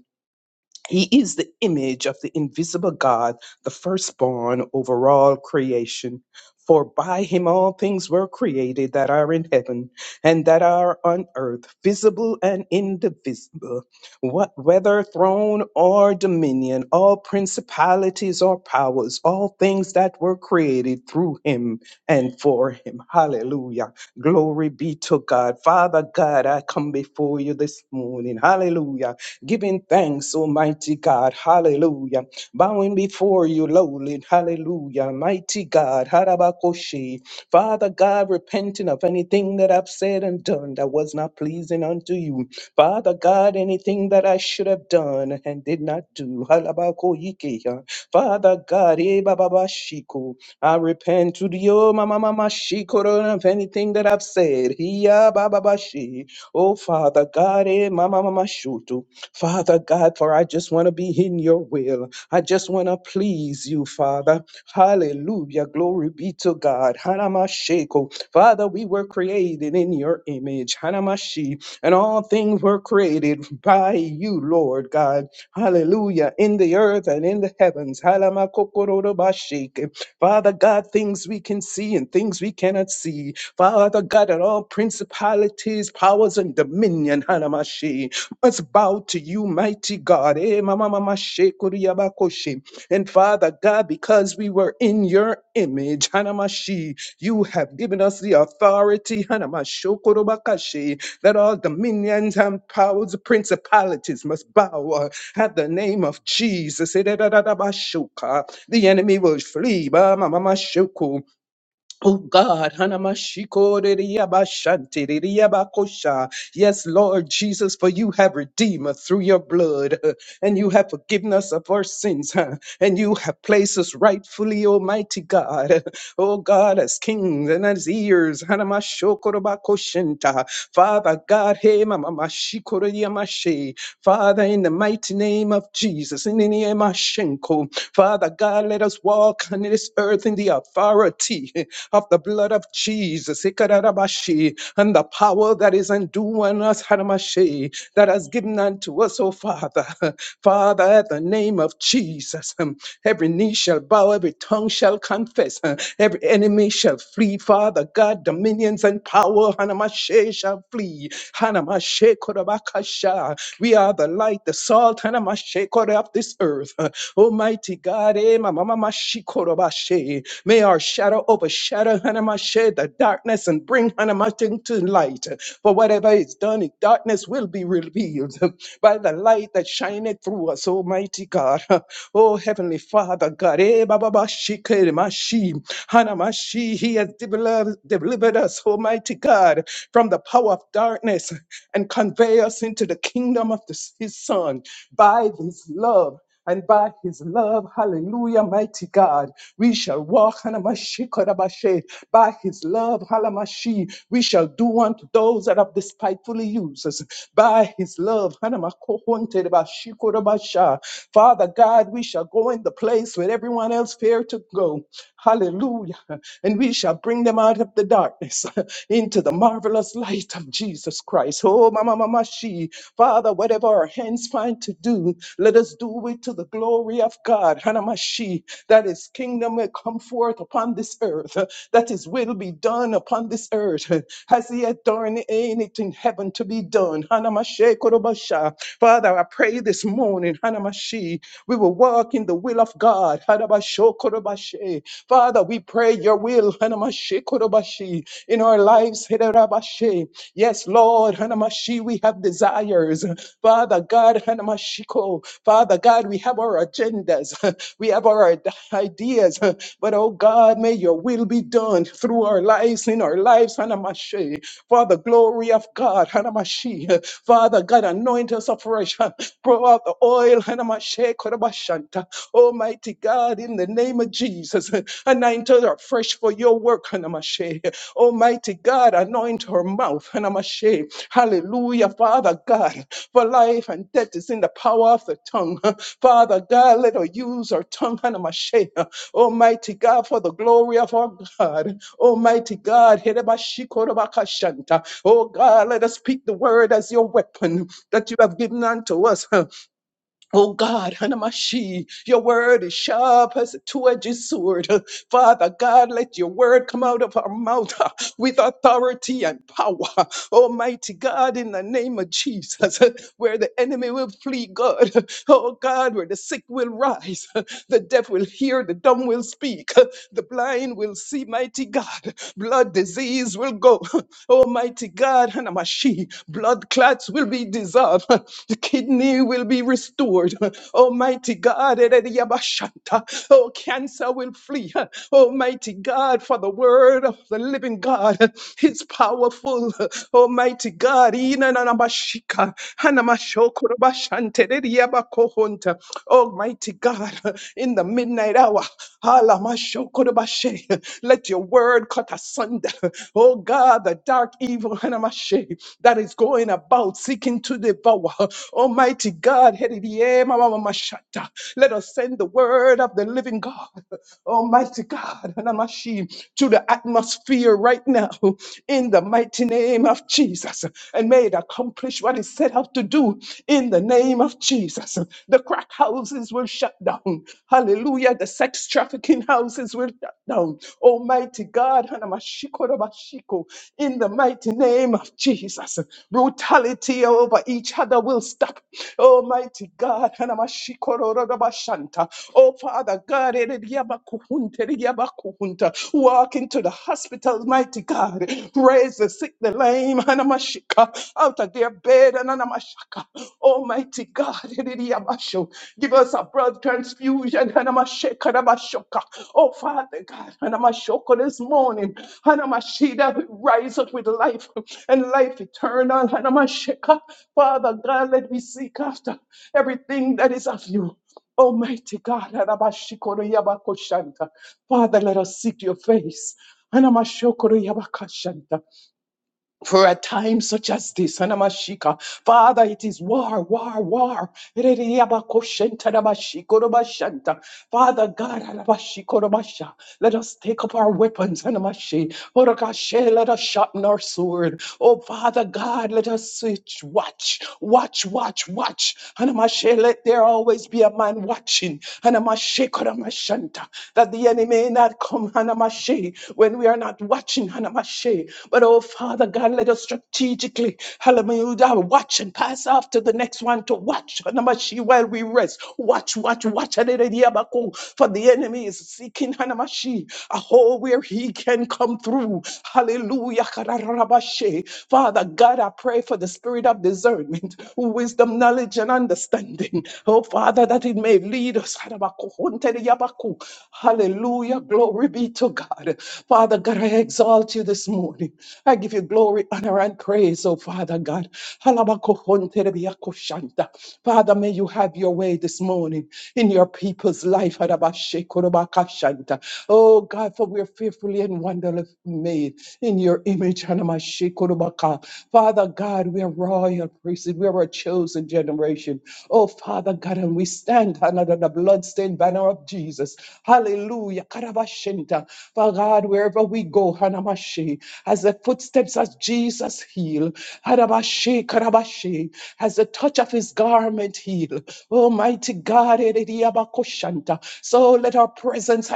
S4: He is the image of the invisible God, the firstborn over all creation. For by him all things were created that are in heaven and that are on earth, visible and indivisible, what, whether throne or dominion, all principalities or powers, all things that were created through him and for him. Hallelujah. Glory be to God. Father God, I come before you this morning. Hallelujah giving thanks, Almighty God. Hallelujah. Bowing before you, lowly. Hallelujah. Mighty God. Harabakoshi. Father God, repenting of anything that I've said and done that was not pleasing unto you. Father God, anything that I should have done and did not do. Halabakoikeya. Father God, eh, bababashiko. I repent to the oh mama mama shikoro of anything that I've said. Hiya bababashi. Oh Father God, eh mama mama shutu. Father God, for I just want to be in your will. I just want to please you, Father. Hallelujah. Glory be to God. Hanamashiko, Father, we were created in your image. Hanamashi. And all things were created by you, Lord God. Hallelujah. In the earth and in the heavens. Halamakokorodobashike. Father God, things we can see and things we cannot see. Father God, and all principalities, powers, and dominion. Hanamashi. Let's bow to you, mighty God. Eh, mama, mama, shekuriyabakoshe. And Father God, because we were in your image, Hanamashi, you have given us the authority, Hanamashokorobakashe, that all dominions and powers, principalities must bow uh, at the name of Jesus. Eh, da, da, da, da, bashoka. The enemy will flee. ba, ma, ma, ma, shoko. Oh God, Hanamashikoririyabashantiriyabakosha. yes, Lord Jesus, for you have redeemed us through your blood, uh, and you have forgiven us of our sins, huh, and you have placed us rightfully, Almighty God. uh, Oh God, as kings and as ears, Hanamashokorobakoshinta. Father God, hey, Mamamashikoriyamashe. Father, in the mighty name of Jesus, in the name of Shenko, Father God, let us walk on this earth in the authority. of the blood of Jesus Ikararabashi, and the power that is undoing us, Hanamashi, that has given unto us, oh Father. Father, at the name of Jesus, um, every knee shall bow, every tongue shall confess, uh, every enemy shall flee. Father God, dominions and power, Hanamashe shall flee. Hanamashe Korabakasha. We are the light, the salt, Hanamashe Kore of this earth. Uh, Almighty God. Eh, ma- ma- ma- ma- shi- May our shadow overshadow Hanamashe, the darkness, and bring Hanamashe to light. For whatever is done in darkness will be revealed by the light that shineth through us, Almighty God. Oh, Heavenly Father, God, eh, ba- ba- ba- shi- kere ma- shi. Hanamashi, He has delivered delivered us, Almighty God, from the power of darkness and convey us into the kingdom of the- His Son by His love and by his love, hallelujah, mighty God, we shall walk hanamashikarabashe. by his love, halamashi, we shall do unto those that have despitefully used us. By his love, hanamakohonterabashikorabasha. Father God, we shall go in the place where everyone else feared to go. Hallelujah. And we shall bring them out of the darkness into the marvelous light of Jesus Christ. Oh, Mama, Mama, she. Father, whatever our hands find to do, let us do it to the glory of God. Hanamashi, that his kingdom will come forth upon this earth, that his will be done upon this earth. as he had done in it in heaven to be done? Hanamashe korobasha. Father, I pray this morning, Hanamashi, we will walk in the will of God. Hanabasho korobashe. Father, we pray your will, Hanamashi Korobashi, in our lives. Hidarabashe. Yes, Lord, Hanamashi, we have desires. Father God, Hanamashiko. Father God, we have our agendas. We have our id- ideas. But oh God, may your will be done through our lives, in our lives, Hanamashi. For the glory of God, Hanamashi. Father God, anoint us afresh. Pour out the oil, Hanamashi, Korobashanta. Almighty God, in the name of Jesus. Anointed her up fresh for your work, Hanamashe. Almighty God, anoint her mouth, Hanamashe. Hallelujah, Father God, for life and death is in the power of the tongue. Father God, let her use her tongue, Hanamashe. Almighty God, for the glory of our God. Almighty God, Hedebashikorobakashanta. oh God, let us speak the word as your weapon that you have given unto us. Oh God, Hanamashi, your word is sharp as a two-edged sword. Father God, let your word come out of our mouth uh, with authority and power. Almighty God, in the name of Jesus, uh, where the enemy will flee, God. Oh God, where the sick will rise, uh, the deaf will hear, the dumb will speak, uh, the blind will see, mighty God. Blood disease will go, Almighty God, and blood clots will be dissolved, the kidney will be restored. Almighty God, Erediabashanta, oh, cancer will flee. Almighty God, for the word of the living God, it's powerful. Almighty God, Inanamashika, Hanamashokurabashante, Erediabakohonta. Almighty God, in the midnight hour, Let your word cut asunder. Oh God, the dark evil Hanamashe, that is going about seeking to devour. Almighty God, Hedidieh, Mamamamashata. let us send the word of the living God. Almighty God, Hanamashi, to the atmosphere right now in the mighty name of Jesus. And may it accomplish what it set out to do in the name of Jesus. The crack houses will will shut down. Hallelujah. The sex trafficking houses will shut down. Almighty God, Hanamashiko in the mighty name of Jesus. Brutality over each other will stop. Almighty God, Hanamashiko Oh, Father God, Erediabakuhunta, Erediabakuhunta. walk into the hospital, mighty God. Raise the sick, the lame, Hanamashika, out of their bed, Almighty God, Hidiyamasho. give us a blood transfusion. Hanamasheka, Hanamashaka. Oh, Father God, Hanamashoko, this morning, that we rise up with life and life eternal. Hanamasheka. Father God, let me seek after everything that is of you. Almighty God, Hanamashikoro Yabakoshanta. Father, let us seek your face. Hanamashokoro Yabakashanta for a time such as this. Anamashika. Father, it is war, war, war. Ereriabakoshentanamashikodomashanta. Father God, anamashikodomasha. let us take up our weapons. anamashi. Orokashe, Let us sharpen our sword. Oh, Father God, let us switch. Watch, watch, watch, watch. Anamashe, Let there always be a man watching. Anamashe, kodomashanta. That the enemy may not come, Hanamashi, when we are not watching, Hanamashi. But oh, Father God, let us strategically, hallelujah, watch and pass off to the next one to watch, Hanamashi, while we rest. Watch, watch, watch, Hallelujah, for the enemy is seeking, Hanamashi, a hole where he can come through. Hallelujah, Kararabashe. Father God, I pray for the spirit of discernment, wisdom, knowledge, and understanding understanding. Oh, Father, that it may lead us. Hallelujah. Glory be to God. Father God, I exalt you this morning. I give you glory, honor, and praise, oh Father God. Father, may you have your way this morning in your people's life. Oh God, for we're fearfully and wonderfully made in your image. Rebecca. Father God, we are royal priesthood. We are a chosen generation. Oh, Father God, and we stand under the bloodstained banner of Jesus. Hallelujah. Karabashenta. Father God, wherever we go, Hanamashi, as the footsteps of Jesus heal, Harabashi, Karabashi, as the touch of his garment heal. Almighty God, Erediabakoshanta. so let our presence,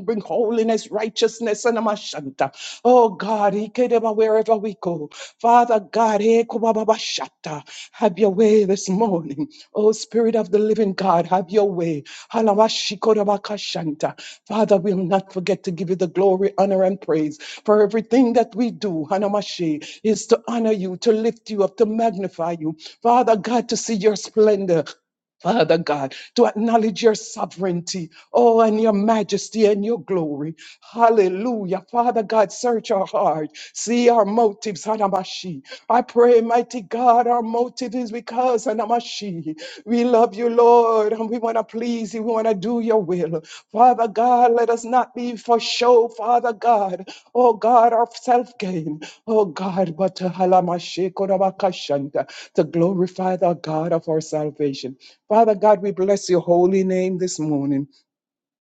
S4: and bring holiness, righteousness, and amashanta. Oh God, ikedeba, wherever we go. Father God, ekubababashata. have your way this morning. Oh Spirit of the living God, have your way. Halawashikodabakashanta. Father, we will not forget to give you the glory, honor, and praise for everything that we do, Hanamashi, is to honor you, to lift you up, to magnify you. Father God, to see your splendor. Father God, to acknowledge your sovereignty, oh, and your majesty and your glory. Hallelujah. Father God, search our heart, see our motives, Hanamashi. I pray, mighty God, our motive is because, Hanamashi, we love you, Lord, and we want to to please you. We want to do your will. Father God, let us not be for show, Father God. Oh God, of self gain. Oh God, but to halamashikorabakashanta, to glorify the God of our salvation. Father God, we bless your holy name this morning.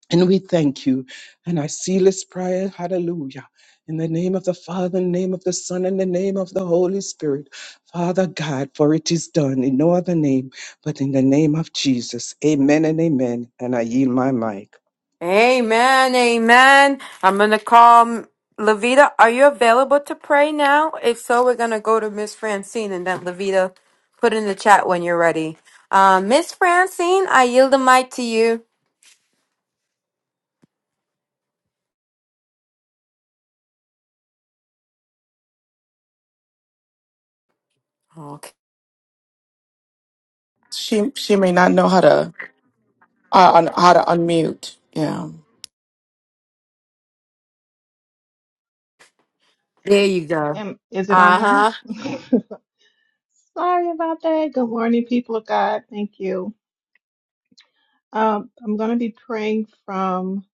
S4: And we thank you. And I seal this prayer. Hallelujah. In the name of the Father, in the name of the Son, in the name of the Holy Spirit. Father God, for it is done in no other name but in the name of Jesus. Amen and amen. And I yield my mic.
S1: Amen. Amen. I'm gonna call Levita. Are you available to pray now? If so, we're gonna go to Miss Francine and then Levita put in the chat when you're ready. Uh, Miss Francine, I yield the mic to you. Okay.
S5: She she may not know how to uh, un, how to unmute. Yeah.
S1: There you go.
S6: Am, is it on now?
S1: Uh-huh.
S6: Sorry about that. Good morning, people of God. Thank you. Um, I'm going to be praying from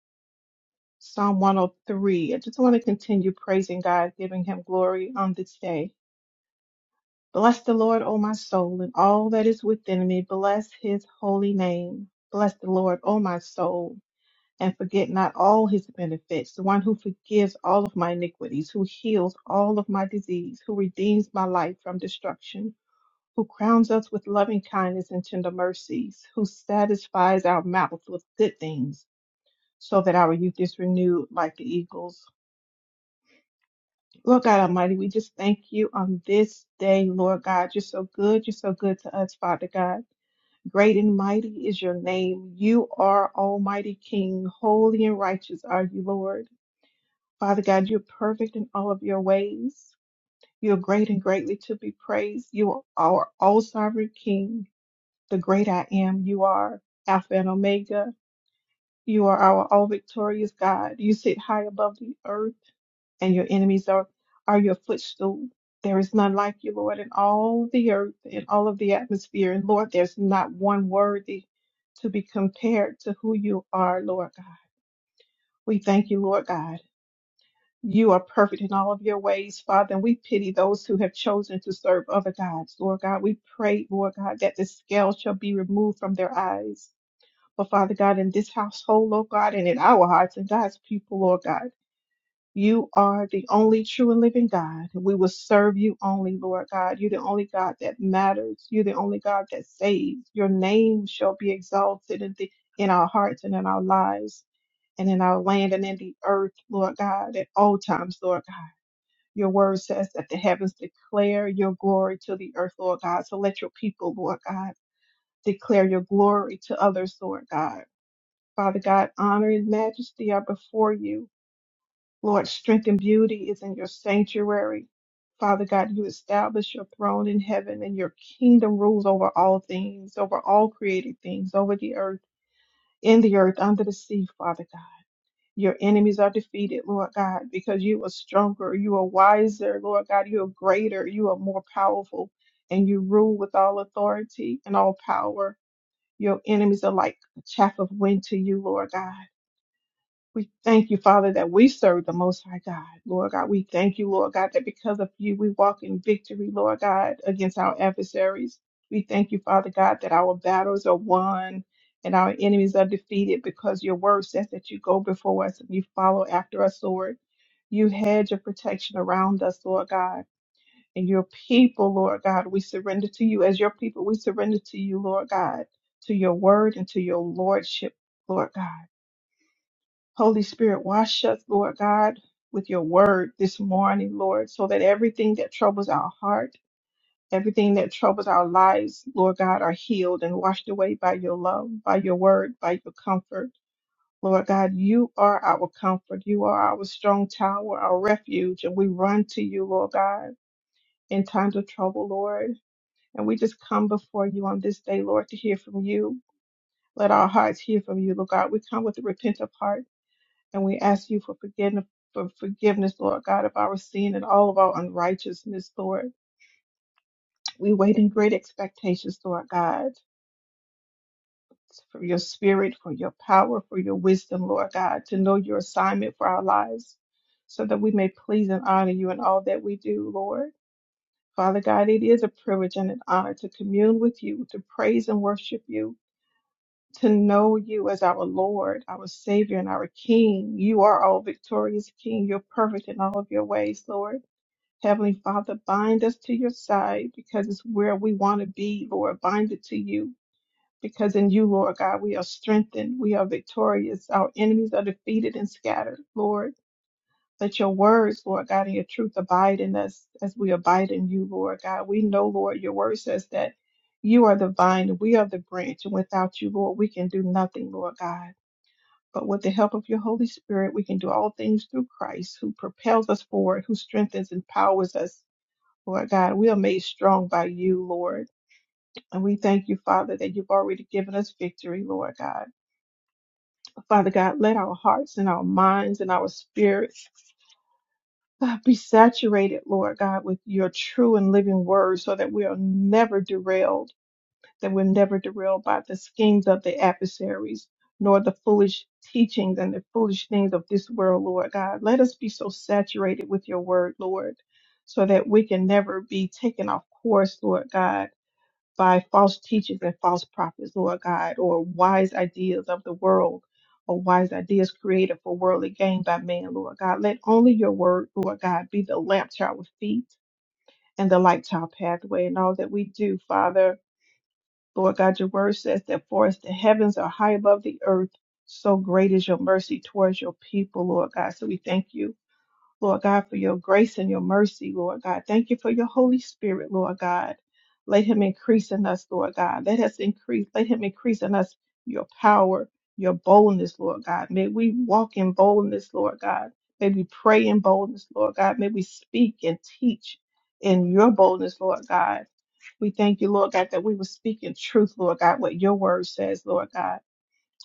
S6: Psalm 103. I just want to continue praising God, giving Him glory on this day. Bless the Lord, O my soul, and all that is within me. Bless His holy name. Bless the Lord, O my soul, and forget not all His benefits. The one who forgives all of my iniquities, who heals all of my disease, who redeems my life from destruction who crowns us with loving kindness and tender mercies, who satisfies our mouths with good things, so that our youth is renewed like the eagles. Lord God Almighty, we just thank you on this day, Lord God. You're so good. You're so good to us, Father God. Great and mighty is your name. You are Almighty King. Holy and righteous are you, Lord. Father God, you're perfect in all of your ways. You're great and greatly to be praised. You are our all sovereign King. the great I am. You are Alpha and Omega. You are our all victorious God. You sit high above the earth, and your enemies are, are your footstool. There is none like you, Lord, in all the earth, in all of the atmosphere. And Lord, there's not one worthy to be compared to who you are, Lord God. We thank you, Lord God. You are perfect in all of your ways, Father, and we pity those who have chosen to serve other gods, Lord God. We pray, Lord God, that the scale shall be removed from their eyes But Father God, in this household, Lord God, and in our hearts and God's people, Lord God, you are the only true and living God. We will serve you only, Lord God. You're the only God that matters. You're the only God that saves. Your name shall be exalted in, the, in our hearts and in our lives and in our land and in the earth, Lord God, at all times, Lord God. Your word says that the heavens declare your glory to the earth, Lord God. So let your people, Lord God, declare your glory to others, Lord God Father God, honor and majesty are before you. Lord, strength and beauty is in your sanctuary. Father God, you establish your throne in heaven and your kingdom rules over all things, over all created things, over the earth, in the earth, under the sea, Father God. Your enemies are defeated, Lord God, because you are stronger, you are wiser, Lord God, you are greater, you are more powerful, and you rule with all authority and all power. Your enemies are like chaff of wind to you, Lord God. We thank you, Father, that we serve the Most High God. Lord God, we thank you, Lord God, that because of you, we walk in victory, Lord God, against our adversaries. We thank you, Father God, that our battles are won and our enemies are defeated because your word says that you go before us and you follow after us, Lord. You hedge your protection around us, Lord God, and your people, Lord God, we surrender to you. As your people, we surrender to you, Lord God, to your word and to your lordship, Lord God. Holy Spirit, wash us, Lord God, with your word this morning, Lord, so that everything that troubles our heart, everything that troubles our lives, Lord God, are healed and washed away by your love, by your word, by your comfort. Lord God, you are our comfort. You are our strong tower, our refuge, and we run to you, Lord God, in times of trouble, Lord. And we just come before you on this day, Lord, to hear from you. Let our hearts hear from you, Lord God. We come with a repentant heart. And we ask you for forgiveness, for forgiveness, Lord God, of our sin and all of our unrighteousness, Lord. We wait in great expectations, Lord God, for your spirit, for your power, for your wisdom, Lord God, to know your assignment for our lives so that we may please and honor you in all that we do, Lord. Father God, it is a privilege and an honor to commune with you, to praise and worship you, to know you as our Lord, our Savior, and our King. You are all victorious King. You're perfect in all of your ways, Lord. Heavenly Father, bind us to your side because it's where we want to be, Lord. Bind it to you because in you, Lord God, we are strengthened. We are victorious. Our enemies are defeated and scattered, Lord. Let your words, Lord God, and your truth abide in us as we abide in you, Lord God. We know, Lord, your word says that you are the vine and we are the branch. And without you, Lord, we can do nothing, Lord God. But with the help of your Holy Spirit, we can do all things through Christ who propels us forward, who strengthens and powers us Lord God, we are made strong by you, Lord. And we thank you, Father, that you've already given us victory, Lord God. Father God, let our hearts and our minds and our spirits God, be saturated, Lord God, with your true and living word so that we are never derailed, that we're never derailed by the schemes of the adversaries, nor the foolish teachings and the foolish things of this world, Lord God. Let us be so saturated with your word, Lord, so that we can never be taken off course, Lord God by false teachers and false prophets, Lord God, or wise ideas of the world, or wise ideas created for worldly gain by man, Lord God. Let only your word, Lord God, be the lamp to our feet and the light to our pathway in all that we do, Father. Lord God, your word says that for us the heavens are high above the earth, so great is your mercy towards your people, Lord God. So we thank you Lord God, for your grace and your mercy, Lord God. Thank you for your Holy Spirit, Lord God. Let him increase in us, Lord God. Let us increase, let him increase in us your power, your boldness, Lord God. May we walk in boldness, Lord God. May we pray in boldness, Lord God. May we speak and teach in your boldness, Lord God. We thank you, Lord God, that we will speak in truth, Lord God, what your word says, Lord God.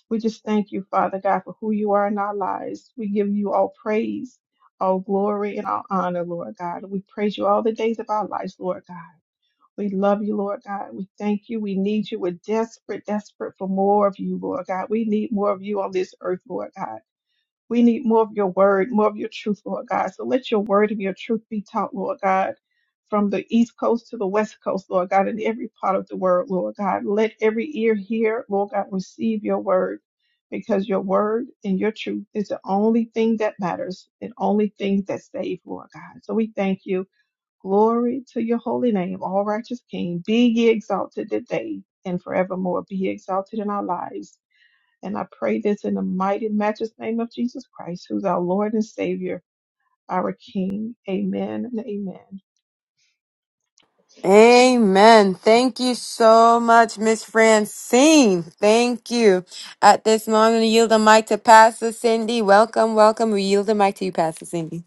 S6: We just thank you, Father God, for who you are in our lives. We give you all praise, all glory, and all honor, Lord God. We praise you all the days of our lives, Lord God. We love you, Lord God. We thank you. We need you. We're desperate, desperate for more of you, Lord God. We need more of you on this earth, Lord God. We need more of your word, more of your truth, Lord God. So let your word and your truth be taught, Lord God, from the East Coast to the West Coast, Lord God, in every part of the world, Lord God. Let every ear hear, Lord God, receive your word because your word and your truth is the only thing that matters and only thing that saves, Lord God. So we thank you. Glory to your holy name, all righteous King. Be ye exalted today and forevermore. Be ye exalted in our lives and I pray this in the mighty, matchless name of Jesus Christ, who's our Lord and Savior, our King. Amen and amen.
S1: Amen. Thank you so much, Miss Francine. Thank you. At this moment, I yield the mic to Pastor Cindy. Welcome, welcome. We yield the mic to you, Pastor Cindy.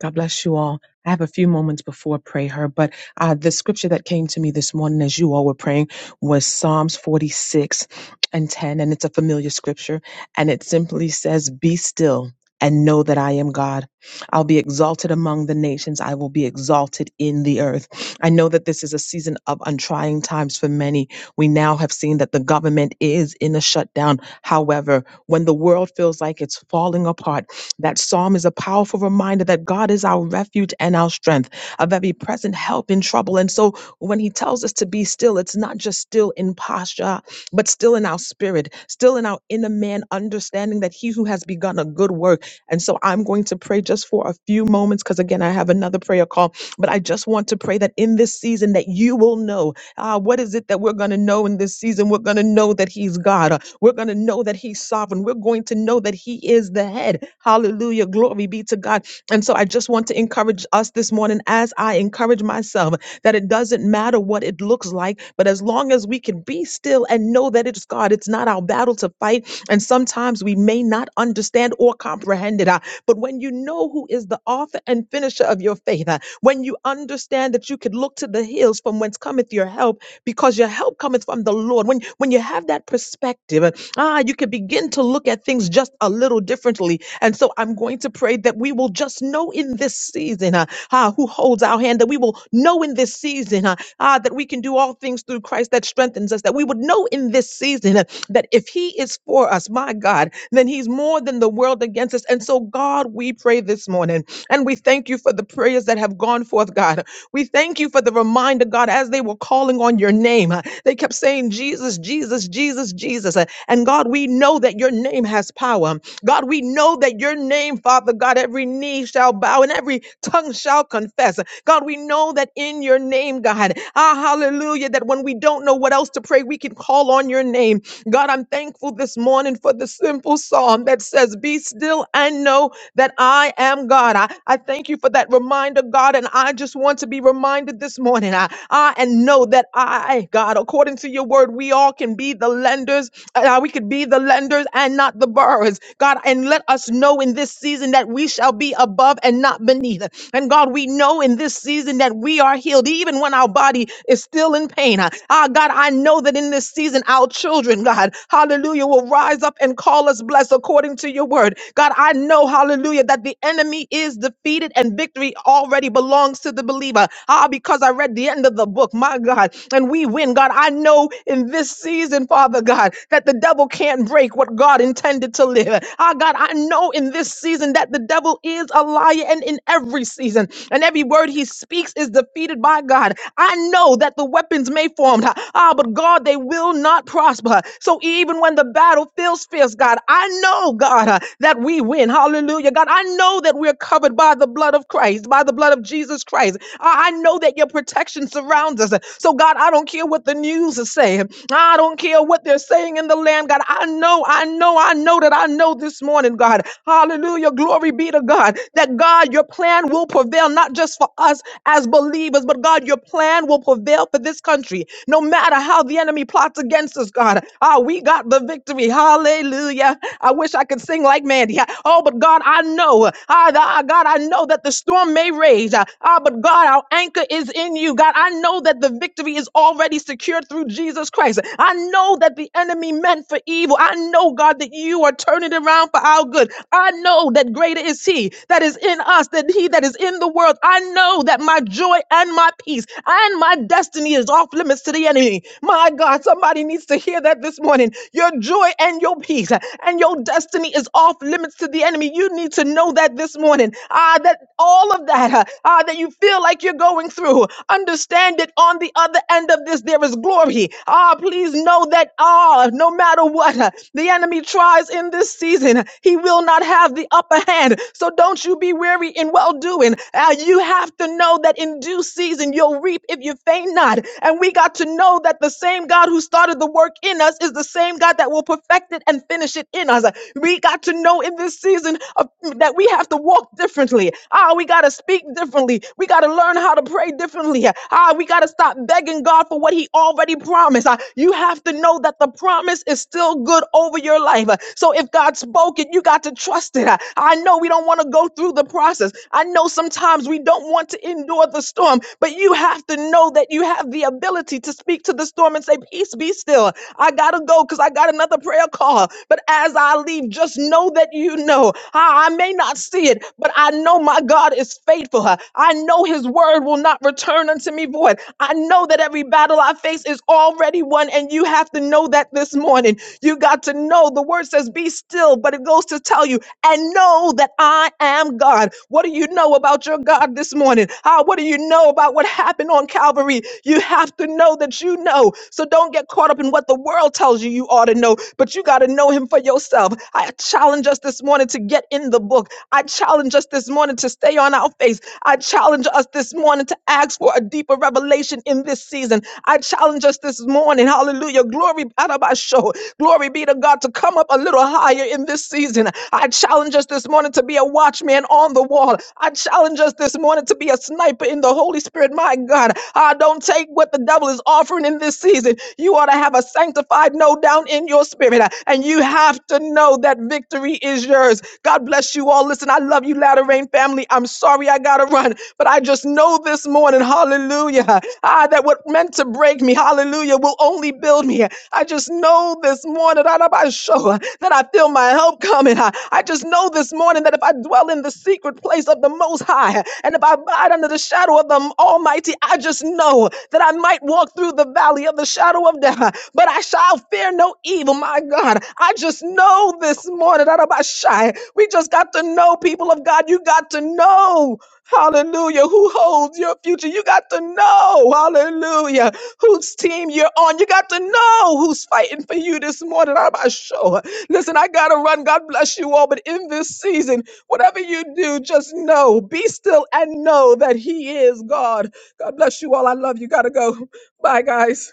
S7: God bless you all. I have a few moments before I pray her, but uh, the scripture that came to me this morning as you all were praying was Psalms 46 and 10, and it's a familiar scripture, and it simply says, Be still and know that I am God. I'll be exalted among the nations. I will be exalted in the earth. I know that this is a season of untrying times for many. We now have seen that the government is in a shutdown. However, when the world feels like it's falling apart, that psalm is a powerful reminder that God is our refuge and our strength, a very present help in trouble. And so when he tells us to be still, it's not just still in posture, but still in our spirit, still in our inner man, understanding that he who has begun a good work. And so I'm going to pray just for a few moments because again, I have another prayer call, but I just want to pray that in this season that you will know Ah, what is it that we're going to know in this season? We're going to know that He's God. Uh, We're going to know that He's sovereign. We're going to know that He is the head. Hallelujah. Glory be to God. And so I just want to encourage us this morning, as I encourage myself, that it doesn't matter what it looks like, but as long as we can be still and know that it's God, it's not our battle to fight. And sometimes we may not understand or comprehend it. Ah, But when you know who is the author and finisher of your faith, uh, when you understand that you could look to the hills from whence cometh your help, because your help cometh from the Lord. When when you have that perspective, uh, ah, you can begin to look at things just a little differently. And so I'm going to pray that we will just know in this season, uh, ah, who holds our hand, that we will know in this season, uh, ah, that we can do all things through Christ that strengthens us, that we would know in this season uh, that if He is for us, my God, then He's more than the world against us. And so, God, we pray this morning. And we thank you for the prayers that have gone forth, God. We thank you for the reminder, God, as they were calling on your name. uh, They kept saying, Jesus, Jesus, Jesus, Jesus. uh, And God, we know that your name has power. God, we know that your name, Father God, every knee shall bow and every tongue shall confess. God, we know that in your name, God, ah, hallelujah, that when we don't know what else to pray, we can call on your name. God, I'm thankful this morning for the simple psalm that says, Be still and know that I am God. I, I thank you for that reminder, God, and I just want to be reminded this morning, I, I and know that I, God, according to your word, we all can be the lenders, uh, we could be the lenders and not not the borrowers. God, and let us know in this season that we shall be above and not beneath. And God, we know in this season that we are healed, even when our body is still in pain. Ah, God, I know that in this season, our children, God, hallelujah, will rise up and call us blessed according to your word. God, I know, hallelujah, that the enemy is defeated and victory already belongs to the believer. Ah, because I read the end of the book, my God, and we win. God, I know in this season, Father God, that the devil can't can't break what God intended to live. Ah, God, I know in this season that the devil is a liar and in every season, and every word he speaks is defeated by God. I know that the weapons may form, ah, ah, but God, they will not prosper. So even when the battle feels fierce, God, I know, God, uh, that we win. Hallelujah. God, I know that we're covered by the blood of Christ, by the blood of Jesus Christ. I, I know that your protection surrounds us. So, God, I don't care what the news is saying. Ah, I don't care what they're saying saying in the land, God. I know, I know, I know that I know this morning, God. Hallelujah. Glory be to God. That God, your plan will prevail, not just for us as believers, but God, your plan will prevail for this country. No matter how the enemy plots against us, God. Ah, we got the victory. Hallelujah. I wish I could sing like Mandy. Oh, but God, I know. Ah, th- ah, God, I know that the storm may rage. Ah, ah, but God, our anchor is in you. God, I know that the victory is already secured through Jesus Christ. I know that the enemy meant for evil. I know, God, that you are turning it around for our good. I know that greater is He that is in us than He that is in the world. I know that my joy and my peace and my destiny is off limits to the enemy. My God, somebody needs to hear that this morning. Your joy and your peace and your destiny is off limits to the enemy. You need to know that this morning. Ah, that all of that, ah, that you feel like you're going through, understand it on the other end of this. There is glory glory. Ah, please know that ah, no matter what uh, the enemy tries in this season, uh, he will not have the upper hand. So don't you be weary in well doing. Uh, you have to know that in due season you'll reap if you faint not. And we got to know that the same God who started the work in us is the same God that will perfect it and finish it in us. Uh, We got to know in this season of, that we have to walk differently. Ah, we got to speak differently. We got to learn how to pray differently. Ah, we got to stop begging thanking God for what He already promised. Uh, You have to know that the promise is still good over your life. Uh, So if God spoke it, you got to trust it. Uh, I know we don't want to go through the process. I know sometimes we don't want to endure the storm, but you have to know that you have the ability to speak to the storm and say, Peace be still. I got to go because I got another prayer call. But as I leave, just know that you know. I, I may not see it, but I know my God is faithful. Uh, I know his word will not return unto me void forth. I know that every battle I face is already won, and you have to know that this morning. You got to know the word says, Be still, but it goes to tell you and know that I am God. What do you know about your God this morning? Ah, what do you know about what happened on Calvary? You have to know that you know. So don't get caught up in what the world tells you you ought to know, but you got to know Him for yourself. I challenge us this morning to get in the book. I challenge us this morning to stay on our face. I challenge us this morning to ask for a deeper revelation in this season. I challenge us this morning. Hallelujah. Glory Adabasho. Glory be to God to come up a little higher in this season. I challenge us this morning to be a watchman on the wall. I challenge us this morning to be a sniper in the Holy Spirit. My God, I don't take what the devil is offering in this season. You ought to have a sanctified no down in your spirit, and you have to know that victory is yours. God bless you all. Listen, I love you, Latter Rain family. I'm sorry I got to run, but I just know this morning, hallelujah, ah, that what meant to break me, hallelujah, will only build me. I just know this morning ah, that I show, that I feel my help coming. ah. I just know this morning that if I dwell in the secret place of the Most High, and if I abide under the shadow of the Almighty, I just know that I might walk through the valley of the shadow of death, but I shall fear no evil, my God. I just know this morning ah, that I'm shy. We just got to know, people of God, you got to know. Hallelujah. Who holds your future? You got to know. Hallelujah. Whose team you're on. You got to know who's fighting for you this morning. I'm not sure. Listen, I got to run. God bless you all. But in this season, whatever you do, just know, be still and know that He is God. God bless you all. I love you. Got to go. Bye, guys.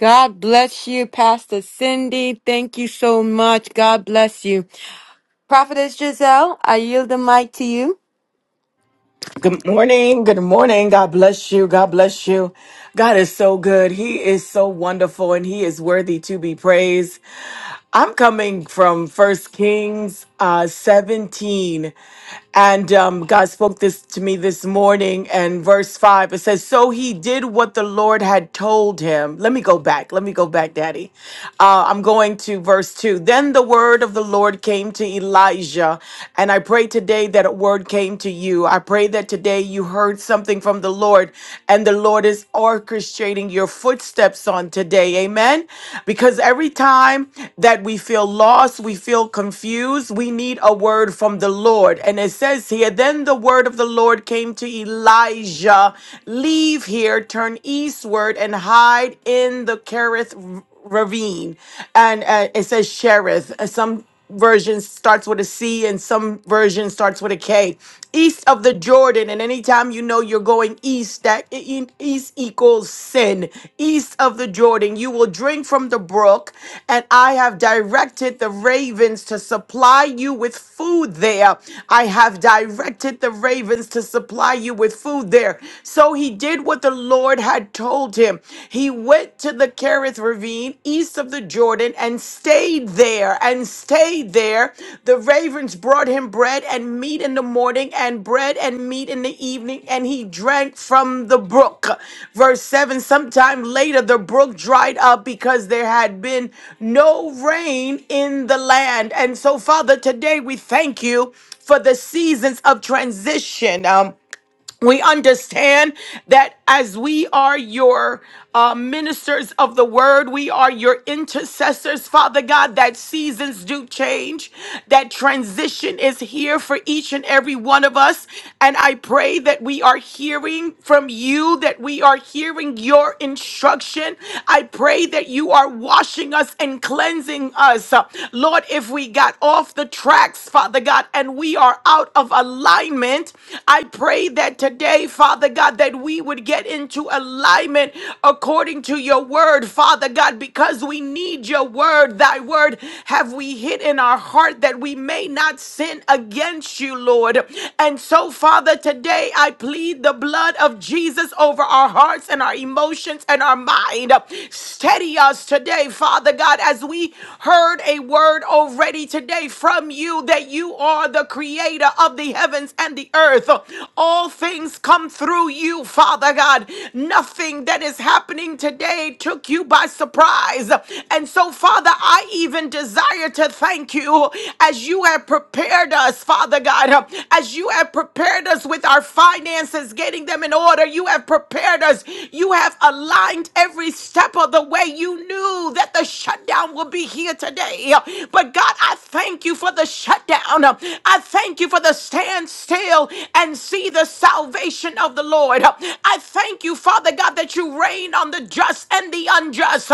S1: God bless you, Pastor Cindy. Thank you so much. God bless you. Prophetess Giselle, I yield the mic to you.
S5: Good morning. Good morning. God bless you. God bless you. God is so good. He is so wonderful and he is worthy to be praised. I'm coming from First Kings uh, 17, and um, God spoke this to me this morning. And verse five, it says, "So he did what the Lord had told him." Let me go back. Let me go back, Daddy. Uh, I'm going to verse two. Then the word of the Lord came to Elijah, and I pray today that a word came to you. I pray that today you heard something from the Lord, and the the Lord is orchestrating your footsteps on today. Amen. Because every time that we feel lost, we feel confused, we need a word from the Lord. And it says here, then the word of the Lord came to Elijah Leave here, turn eastward, and hide in the Kerith ravine. And uh, it says Cherith. Uh, Some version starts with a C and some version starts with a K. East of the Jordan, and anytime you know you're going east, that e- e- east equals sin. East of the Jordan, you will drink from the brook, and I have directed the ravens to supply you with food there. I have directed the ravens to supply you with food there. So he did what the Lord had told him. He went went to the Kerith Ravine east of the Jordan and stayed there and stayed there. The ravens brought him bread and meat in the morning and bread and meat in the evening, and he drank from the brook. Verse 7 Sometime later, the brook dried up because there had been no rain in the land. And so, Father, today we thank you for the seasons of transition. Um, we understand that as we are your uh, ministers of the word, we are your intercessors, Father God, that seasons do change, that transition is here for each and every one of us. And I pray that we are hearing from you, that we are hearing your instruction. I pray that you are washing us and cleansing us. Lord, if we got off the tracks, Father God, and we are out of alignment, I pray that that today, Father God, that we would get into alignment according to your word, Father God, because we need your word. Thy word have we hid in our heart that we may not sin against you, Lord. And so, Father, today I plead the blood of Jesus over our hearts and our emotions and our mind. Steady us today, Father God, as we heard a word already today from you that you are the creator of the heavens and the earth. All things come through you, Father God. Nothing that is happening today took you by surprise. And so, Father, I even desire to thank you as you have prepared us, Father God, as you have prepared us with our finances, getting them in order. You have prepared us. You have aligned every step of the way. You knew that the shutdown will be here today. But God, I thank you for the shutdown. I thank you for the standstill and see the salvation of the Lord. I thank you, Father God, that you reign on the just and the unjust.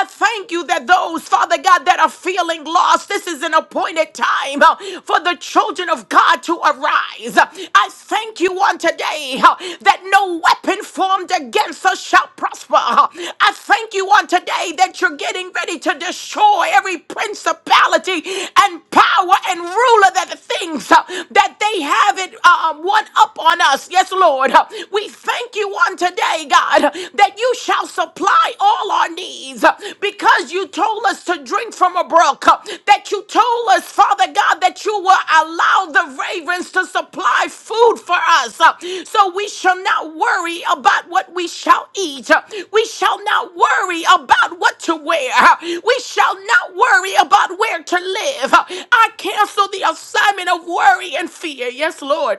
S5: I thank you that those, Father God, that are feeling lost, this is an appointed time uh, for the children of God to arise. I thank you on today uh, that no weapon formed against us shall prosper. I thank you on today that you're getting ready to destroy every principality and power and ruler that the things uh, that they have it um, one up on us. Yes, Lord. We thank you on today, God, that you shall supply all our needs because you told us to drink from a brook, that you told us, Father God, that you will allow the ravens to supply food for us. So we shall not worry about what we shall eat. We shall not worry about what to wear. We shall not worry about where to live. I cancel the assignment of worry and fear. Yes, Lord.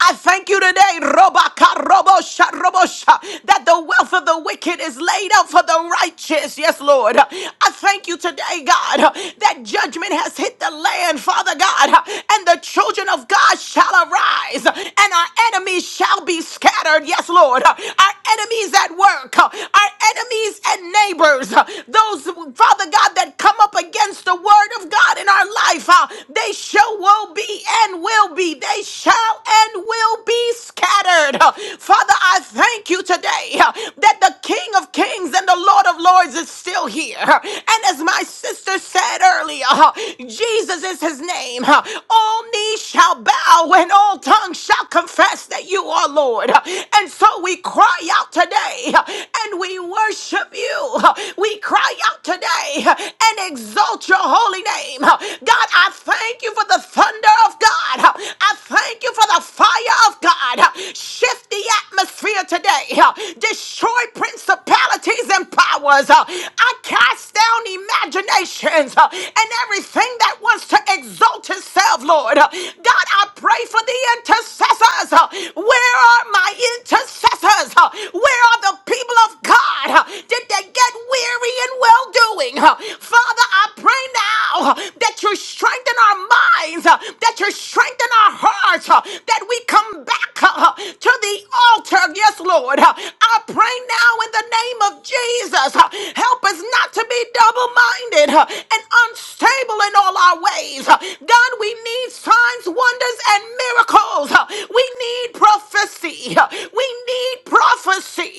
S5: I thank you today, Robaka Robosha Robosha, that the wealth of the wicked is laid out for the righteous. Yes, Lord. I thank you today, God, that judgment has hit the land, Father God, and the children of God shall arise, and our enemies shall be scattered. Yes, Lord. Our enemies at work, our enemies and neighbors, those, Father God, that come up against the the word of God in our life, uh, they shall will be and will be. They shall and will be scattered. Uh, Father, I thank you today uh, that the King of Kings and the Lord of Lords is still here. Uh, And as my sister said earlier, uh, Jesus is his name. Uh, All knees shall bow and all tongues shall confess that you are Lord. Uh, And so we cry out today today and we worship you. We cry out today and exalt your holy name. God, I thank you for the thunder of God. I thank you for the fire of God. Shift the atmosphere today. Destroy principalities principalities and powers. Uh, I cast down imaginations uh, and everything that wants to exalt itself, Lord. Uh, God, I pray for the intercessors. Uh, Where are my intercessors? Uh, Where are the people of God? Uh, Did they get weary? weary in well doing. Father, I pray now uh, that you strengthen our minds, uh, that you strengthen our hearts, uh, that we come back uh, to the altar. Yes, Lord. Uh, I pray now in the name of Jesus. uh, Help us not to be double minded and unstable in all our ways. Uh, God, God, we need signs, wonders, and miracles. We need prophecy. We need prophecy.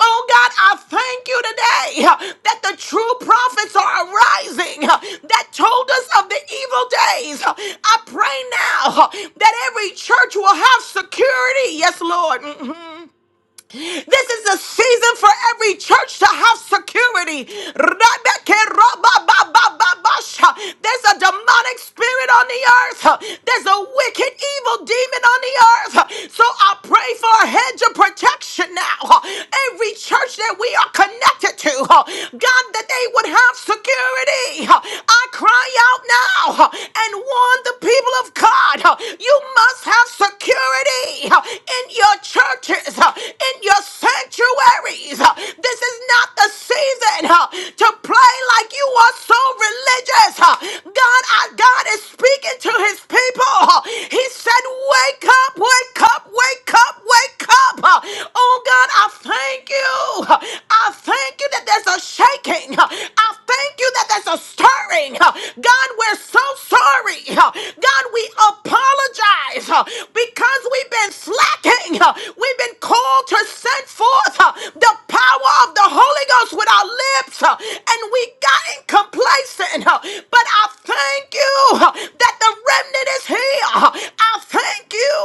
S5: Oh God, I thank you today that the true prophets are arising that told us of the evil days. I pray now that every church will have security. Yes, Lord. Mm-hmm. This is a season for every church to have security. There's a demonic spirit on the earth. There's a wicked, evil demon on the earth. So I pray for a hedge of protection now. Every church that we are connected to, God, that they would have security. I cry out now and warn the people of God. You must have security in your churches, in your your sanctuaries. Uh, This is not the season uh, to play like you are so religious. Uh, God, our God is speaking to his people. Uh, He said, Wake up, wake up, wake up, wake up. Uh, Oh God, I thank you. Uh, I thank you that there's a shaking. Uh, I thank thank you that there's a stirring. Uh, God, we're so sorry. Uh, God, we apologize uh, because we've been slacking. Uh, We've been called to send forth uh, the power of the Holy Ghost with our lips, uh, and we got complacent. uh, But I thank you uh, that the remnant is here here. I thank you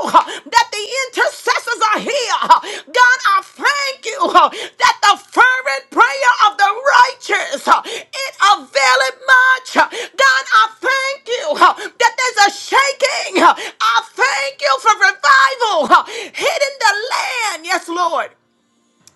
S5: that the intercessors are here. God, I thank you that the fervent prayer of the righteous, it availeth much. God, I thank you that there's a shaking. I thank you for revival hitting the land. Yes, Lord.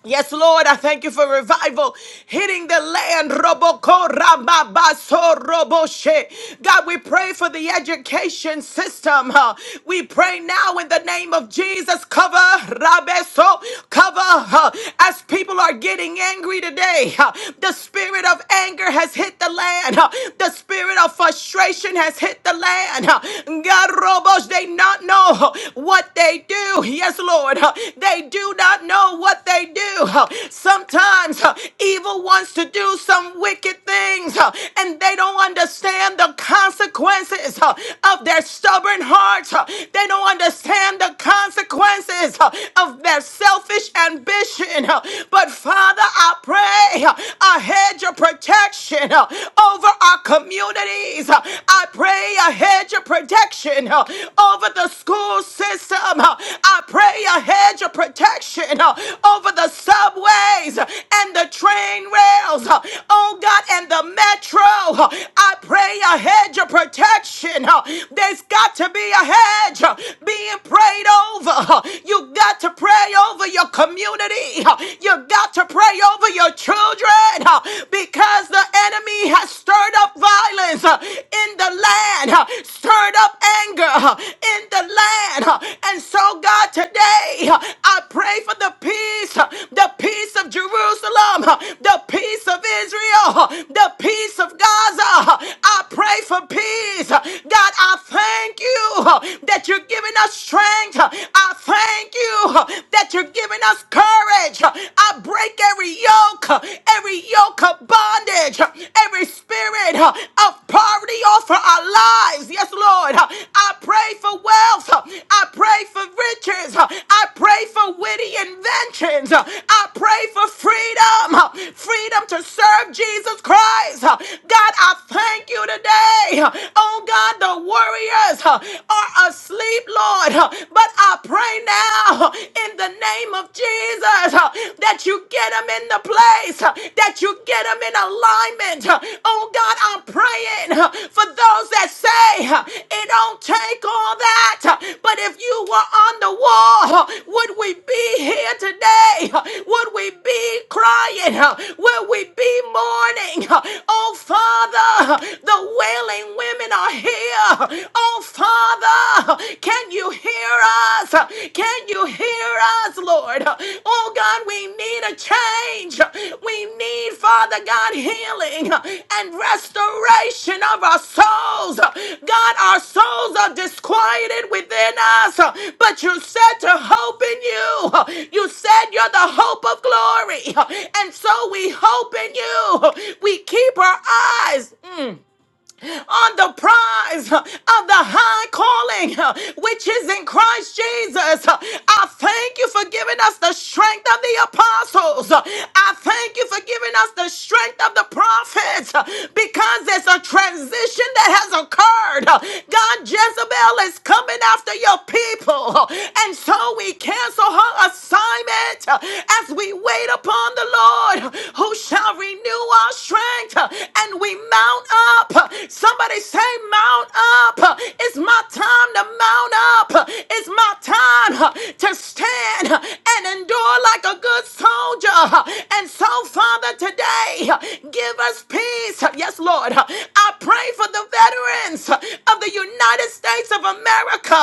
S5: Yes, Lord, I thank you for revival hitting the land. Roboko rababaso roboshe. God, we pray for the education system. huh? We pray now in the name of Jesus. Cover rabeso, cover huh? as people are getting angry today. huh? The spirit of anger has hit the land. huh? The spirit of frustration has hit the land. huh? God, robos, they not know huh, what they they do. Yes, Lord. Uh, They do not know what they do. Uh, Sometimes uh, evil wants to do some wicked things uh, and they don't understand the consequences uh, of their stubborn hearts. Uh, They don't understand the consequences uh, of their selfish ambition. Uh, But Father, I pray uh, a hedge of protection uh, over our communities. Uh, I pray ahead hedge of protection uh, over the school system. uh, I pray a hedge of protection uh, over the subways uh, and the train rails. uh, Oh God, and the metro. uh, I pray a hedge of protection. uh, There's got to be a hedge uh, being prayed over. uh, You got to pray over your community. uh, You got to pray over your children uh, because the enemy enemy has stirred up violence uh, in the land, uh, stirred up anger uh, in the land. uh, And so, God, today uh, I pray for the peace, uh, the peace of Jerusalem, uh, the peace of Israel, uh, the peace of Gaza. uh, I pray for peace. Uh, God, I thank you uh, that you're giving us strength. Uh, I thank you uh, that you're giving us courage. Uh, I break break every yoke, uh, every yoke of bondage, uh, every spirit uh, of poverty off of our lives. Yes, Lord. Uh, I pray for wealth. uh, I pray for riches. uh, I pray for witty inventions. uh, I pray for freedom, uh, freedom to serve Jesus Christ. uh, God, I thank you today. uh, Oh God, the warriors uh, are asleep, Lord. uh, But I pray now now in the name of Jesus uh, that you get them in the place, uh, that you get them in alignment. uh. Oh God, I'm praying uh, for those that say uh, it don't take all that, uh, but if you were on the wall, uh, would we be here today? Uh, Would we be crying? Uh, Would we be mourning? Uh, Oh Father, uh, the wailing women are here. Uh, Oh Father, Father, can you hear us? Can you hear us, Lord? Oh God, we need a change. We need, Father God, healing and restoration of our souls. God, our souls are disquieted within us, but you said to hope in you. You said you're the hope of glory. And so we hope in you. We keep our eyes on the prize of the high calling which is in Christ Jesus. I thank you for giving us the strength of the apostles. I thank you for giving us the strength of the prophets because there's a transition that has occurred. God, Jezebel is coming after your people. And so we cancel her assignment as we wait upon the Lord who shall renew our strength and we mount up. so Somebody say, Mount up. It's my time to mount up. It's my time to stand and endure like a good soldier. And so, Father, today, give us peace. Yes, Lord. I pray for the veterans of the United States of America.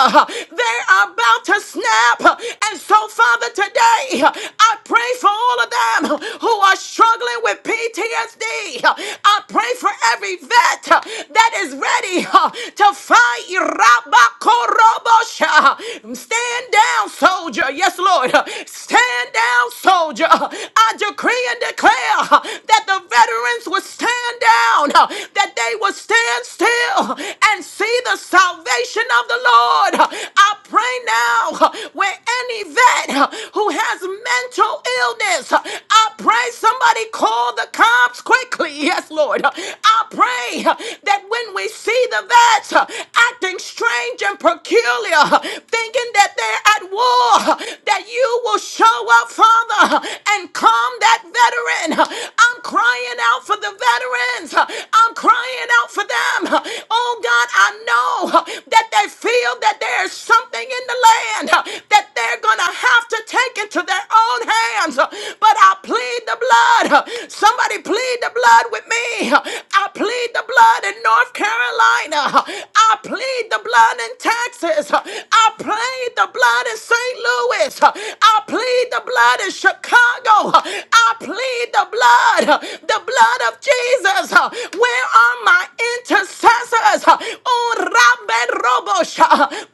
S5: They are about to snap. And so, Father, today, I pray for all of them who are struggling with PTSD. I pray for every vet that is ready uh, to fight. Irabakorobosha. Stand down, soldier. Yes, Lord. Stand down, soldier. I decree and declare uh, that the veterans will stand down, uh, that they will stand still and see the salvation of the Lord. I pray now uh, where any vet uh, who has mental illness, uh, I pray somebody call the cops quickly. Yes, Lord. I pray huh, that when we see the vets uh, acting strange and peculiar, uh, thinking that they're at war, uh, that you will show up, Father, uh, and calm that veteran. Uh, I'm crying out for the veterans. Uh, I'm crying out for them. Uh, Oh God, I know uh, that they feel that there's something in the land uh, that they're going to have to take into their own hands. Uh, But I plead the blood. Uh, Somebody plead the blood with me. Uh, I plead the blood in North Carolina. I plead the blood in Texas. I plead the blood in St. Louis. I plead the blood in Chicago. I plead the blood, the blood of Jesus. Where are my intercessors? Oh, Rabbe Robosh.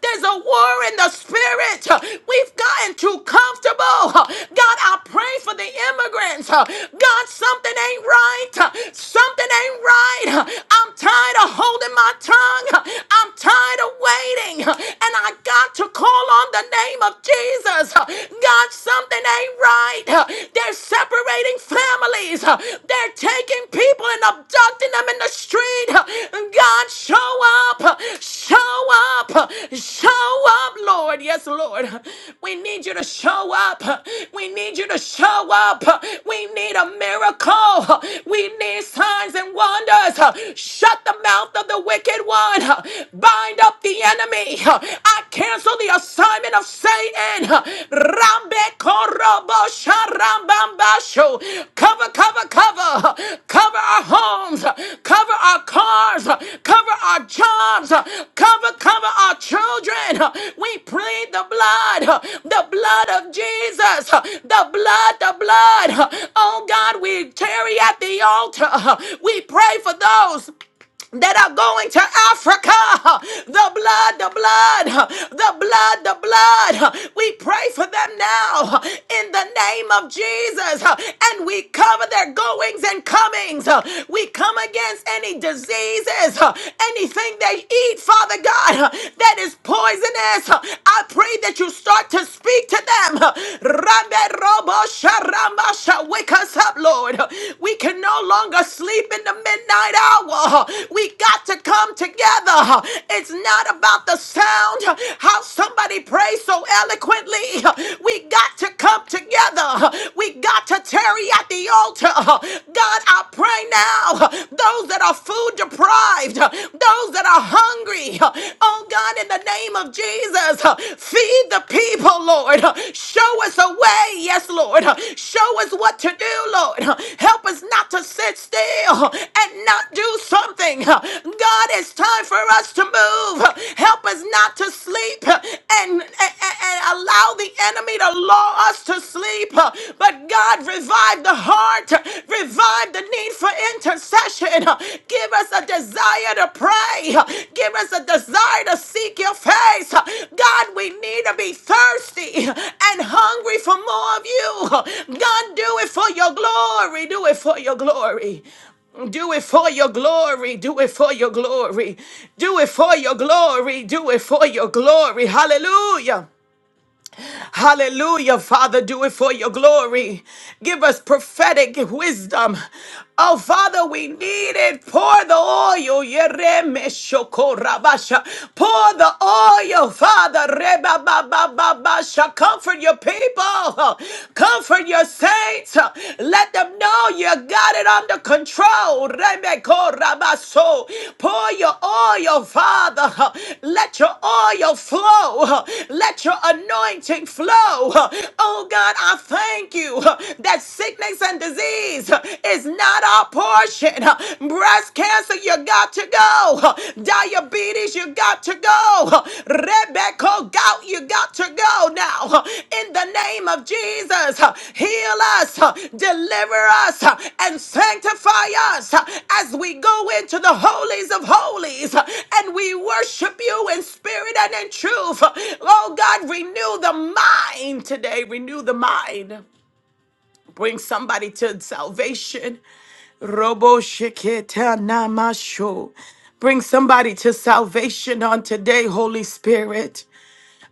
S5: There's a war in the spirit. We've gotten too comfortable. God, I pray for the immigrants. God, something ain't right. Something ain't right. I'm I'm tired of holding my tongue. I'm tired of waiting. And I got to call on the name of Jesus. God, something ain't right. They're separating families. They're taking people and abducting them in the street. God, show up. Show up. Show up, Lord. Yes, Lord. We need you to show up. We need you to show up. We need a miracle. We need signs and wonders. Shut the mouth of the wicked one. Bind up the enemy. I cancel the assignment of Satan. Rambe korobo sharambambasho. Cover, cover, cover. Cover our homes. Cover our cars. Cover our jobs. Cover, cover our children. We plead the blood. The blood of Jesus. The blood, the blood. Oh God, we tarry at the altar. We pray for those that are going to Africa. The blood, the blood, the blood, the blood. We pray for them now in the name of Jesus and we cover their goings and comings. We come against any diseases, anything they eat, Father God, that is poisonous. I pray that you start to speak to them. Sharambasha, wake us up, Lord. We can no longer sleep in the midnight hour. We got to come together. It's not about the sound, how somebody prays so eloquently. We got to come together. We got to tarry at the altar. God, I pray now, those that are food deprived, those that are hungry, Oh God, in the name of Jesus, uh, feed the people, Lord. Uh, Show us a way, yes, Lord. Uh, Show us what to do, Lord. Uh, Help us not to sit still uh, and not do something. Uh, God, it's time for us to move. Uh, Help us not to sleep uh, and, and, and allow the enemy to lull us to sleep. Uh, But God, revive the heart, Uh, revive the need for intercession. Give us a desire to pray. Give us a desire to seek your face. God, we need to be thirsty and hungry for more of you. God, do it for your glory. Do it for your glory. Do it for your glory. Do it for your glory. Do it for your glory. Do it for your glory. Hallelujah. Hallelujah, Father, do it for your glory. Give us prophetic wisdom. Oh, Father, we need it. Pour the oil. Yeremeshokorabasha. Pour the oil, Father. Rebabababasha. Comfort your people. Comfort your saints. Let them know you got it under under control. Rebeko Rabaso. Pour your oil, Father. Let your oil flow. Let your anointing flow. Oh God, I thank you that sickness and disease is not our portion. Breast cancer, you got to go. Diabetes, you got to go go. Rebecca, go. You got to go now. In the name of Jesus, heal us, deliver us, and sanctify us as we go into the holies of holies and we worship you in spirit and in truth. Oh God, renew the mind today. Renew the mind. Bring somebody to salvation. Robo Sheketa Namasho. Bring somebody to salvation on today, Holy Spirit.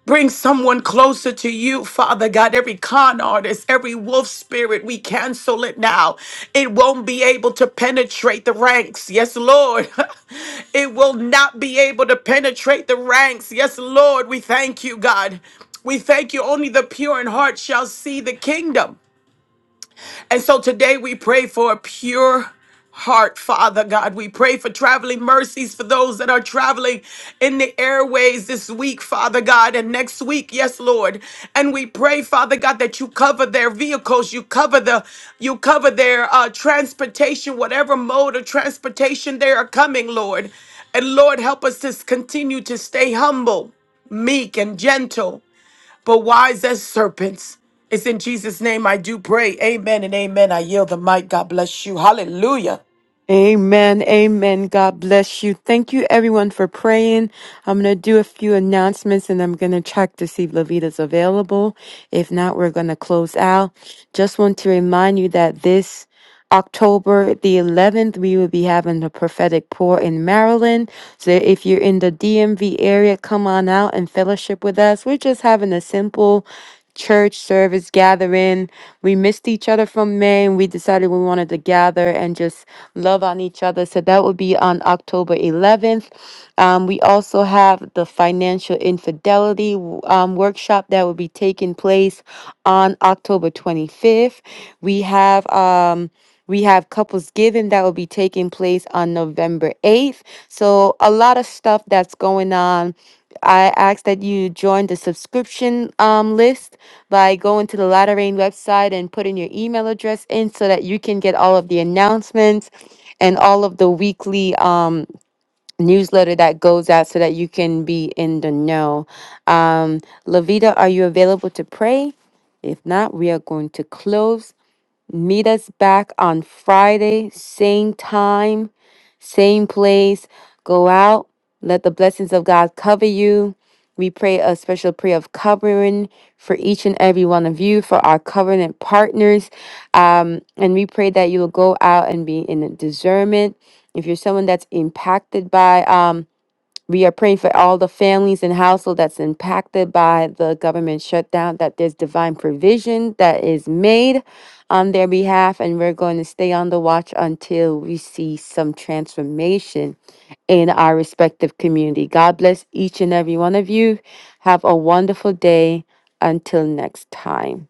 S5: Bring someone closer to you, Father God. Every con artist, every wolf spirit, we cancel it now. It won't be able to penetrate the ranks. Yes, Lord. it will not be able to penetrate the ranks. Yes, Lord. We thank you, God. We thank you. Only the pure in heart shall see the kingdom. And so today we pray for a pure heart, Father God. We pray for traveling mercies for those that are traveling in the airways this week, Father God, and next week, yes, Lord. And we pray, Father God, that you cover their vehicles, you cover the, you cover their uh, transportation, whatever mode of transportation they are coming, Lord. And Lord, help us to s- continue to stay humble, meek, and gentle but wise as serpents. It's in Jesus' name I do pray. Amen and amen. I yield the mic. God bless you. Hallelujah.
S1: Amen. Amen. God bless you. Thank you everyone for praying. I'm going to do a few announcements and I'm going to check to see if Lavita's available. If not, we're going to close out. Just want to remind you that this October the 11th, we will be having a prophetic pour in Maryland. So if you're in the DMV area, come on out and fellowship with us. We're just having a simple church service gathering. We missed each other from May and we decided we wanted to gather and just love on each other. So that would be on October 11th. Um, we also have the financial infidelity um, workshop that will be taking place on October 25th. We have. Um, we have Couples Giving that will be taking place on November 8th. So, a lot of stuff that's going on. I ask that you join the subscription um, list by going to the Latter Rain website and putting your email address in so that you can get all of the announcements and all of the weekly um, newsletter that goes out so that you can be in the know. Um, Lavita, are you available to pray? If not, we are going to close. Meet us back on Friday, same time, same place. Go out. Let the blessings of God cover you. We pray a special prayer of covering for each and every one of you, for our covenant partners. Um, and we pray that you will go out and be in discernment. If you're someone that's impacted by, um, we are praying for all the families and household that's impacted by the government shutdown, that there's divine provision that is made on their behalf. And we're going to stay on the watch until we see some transformation in our respective community. God bless each and every one of you. Have a wonderful day. Until next time.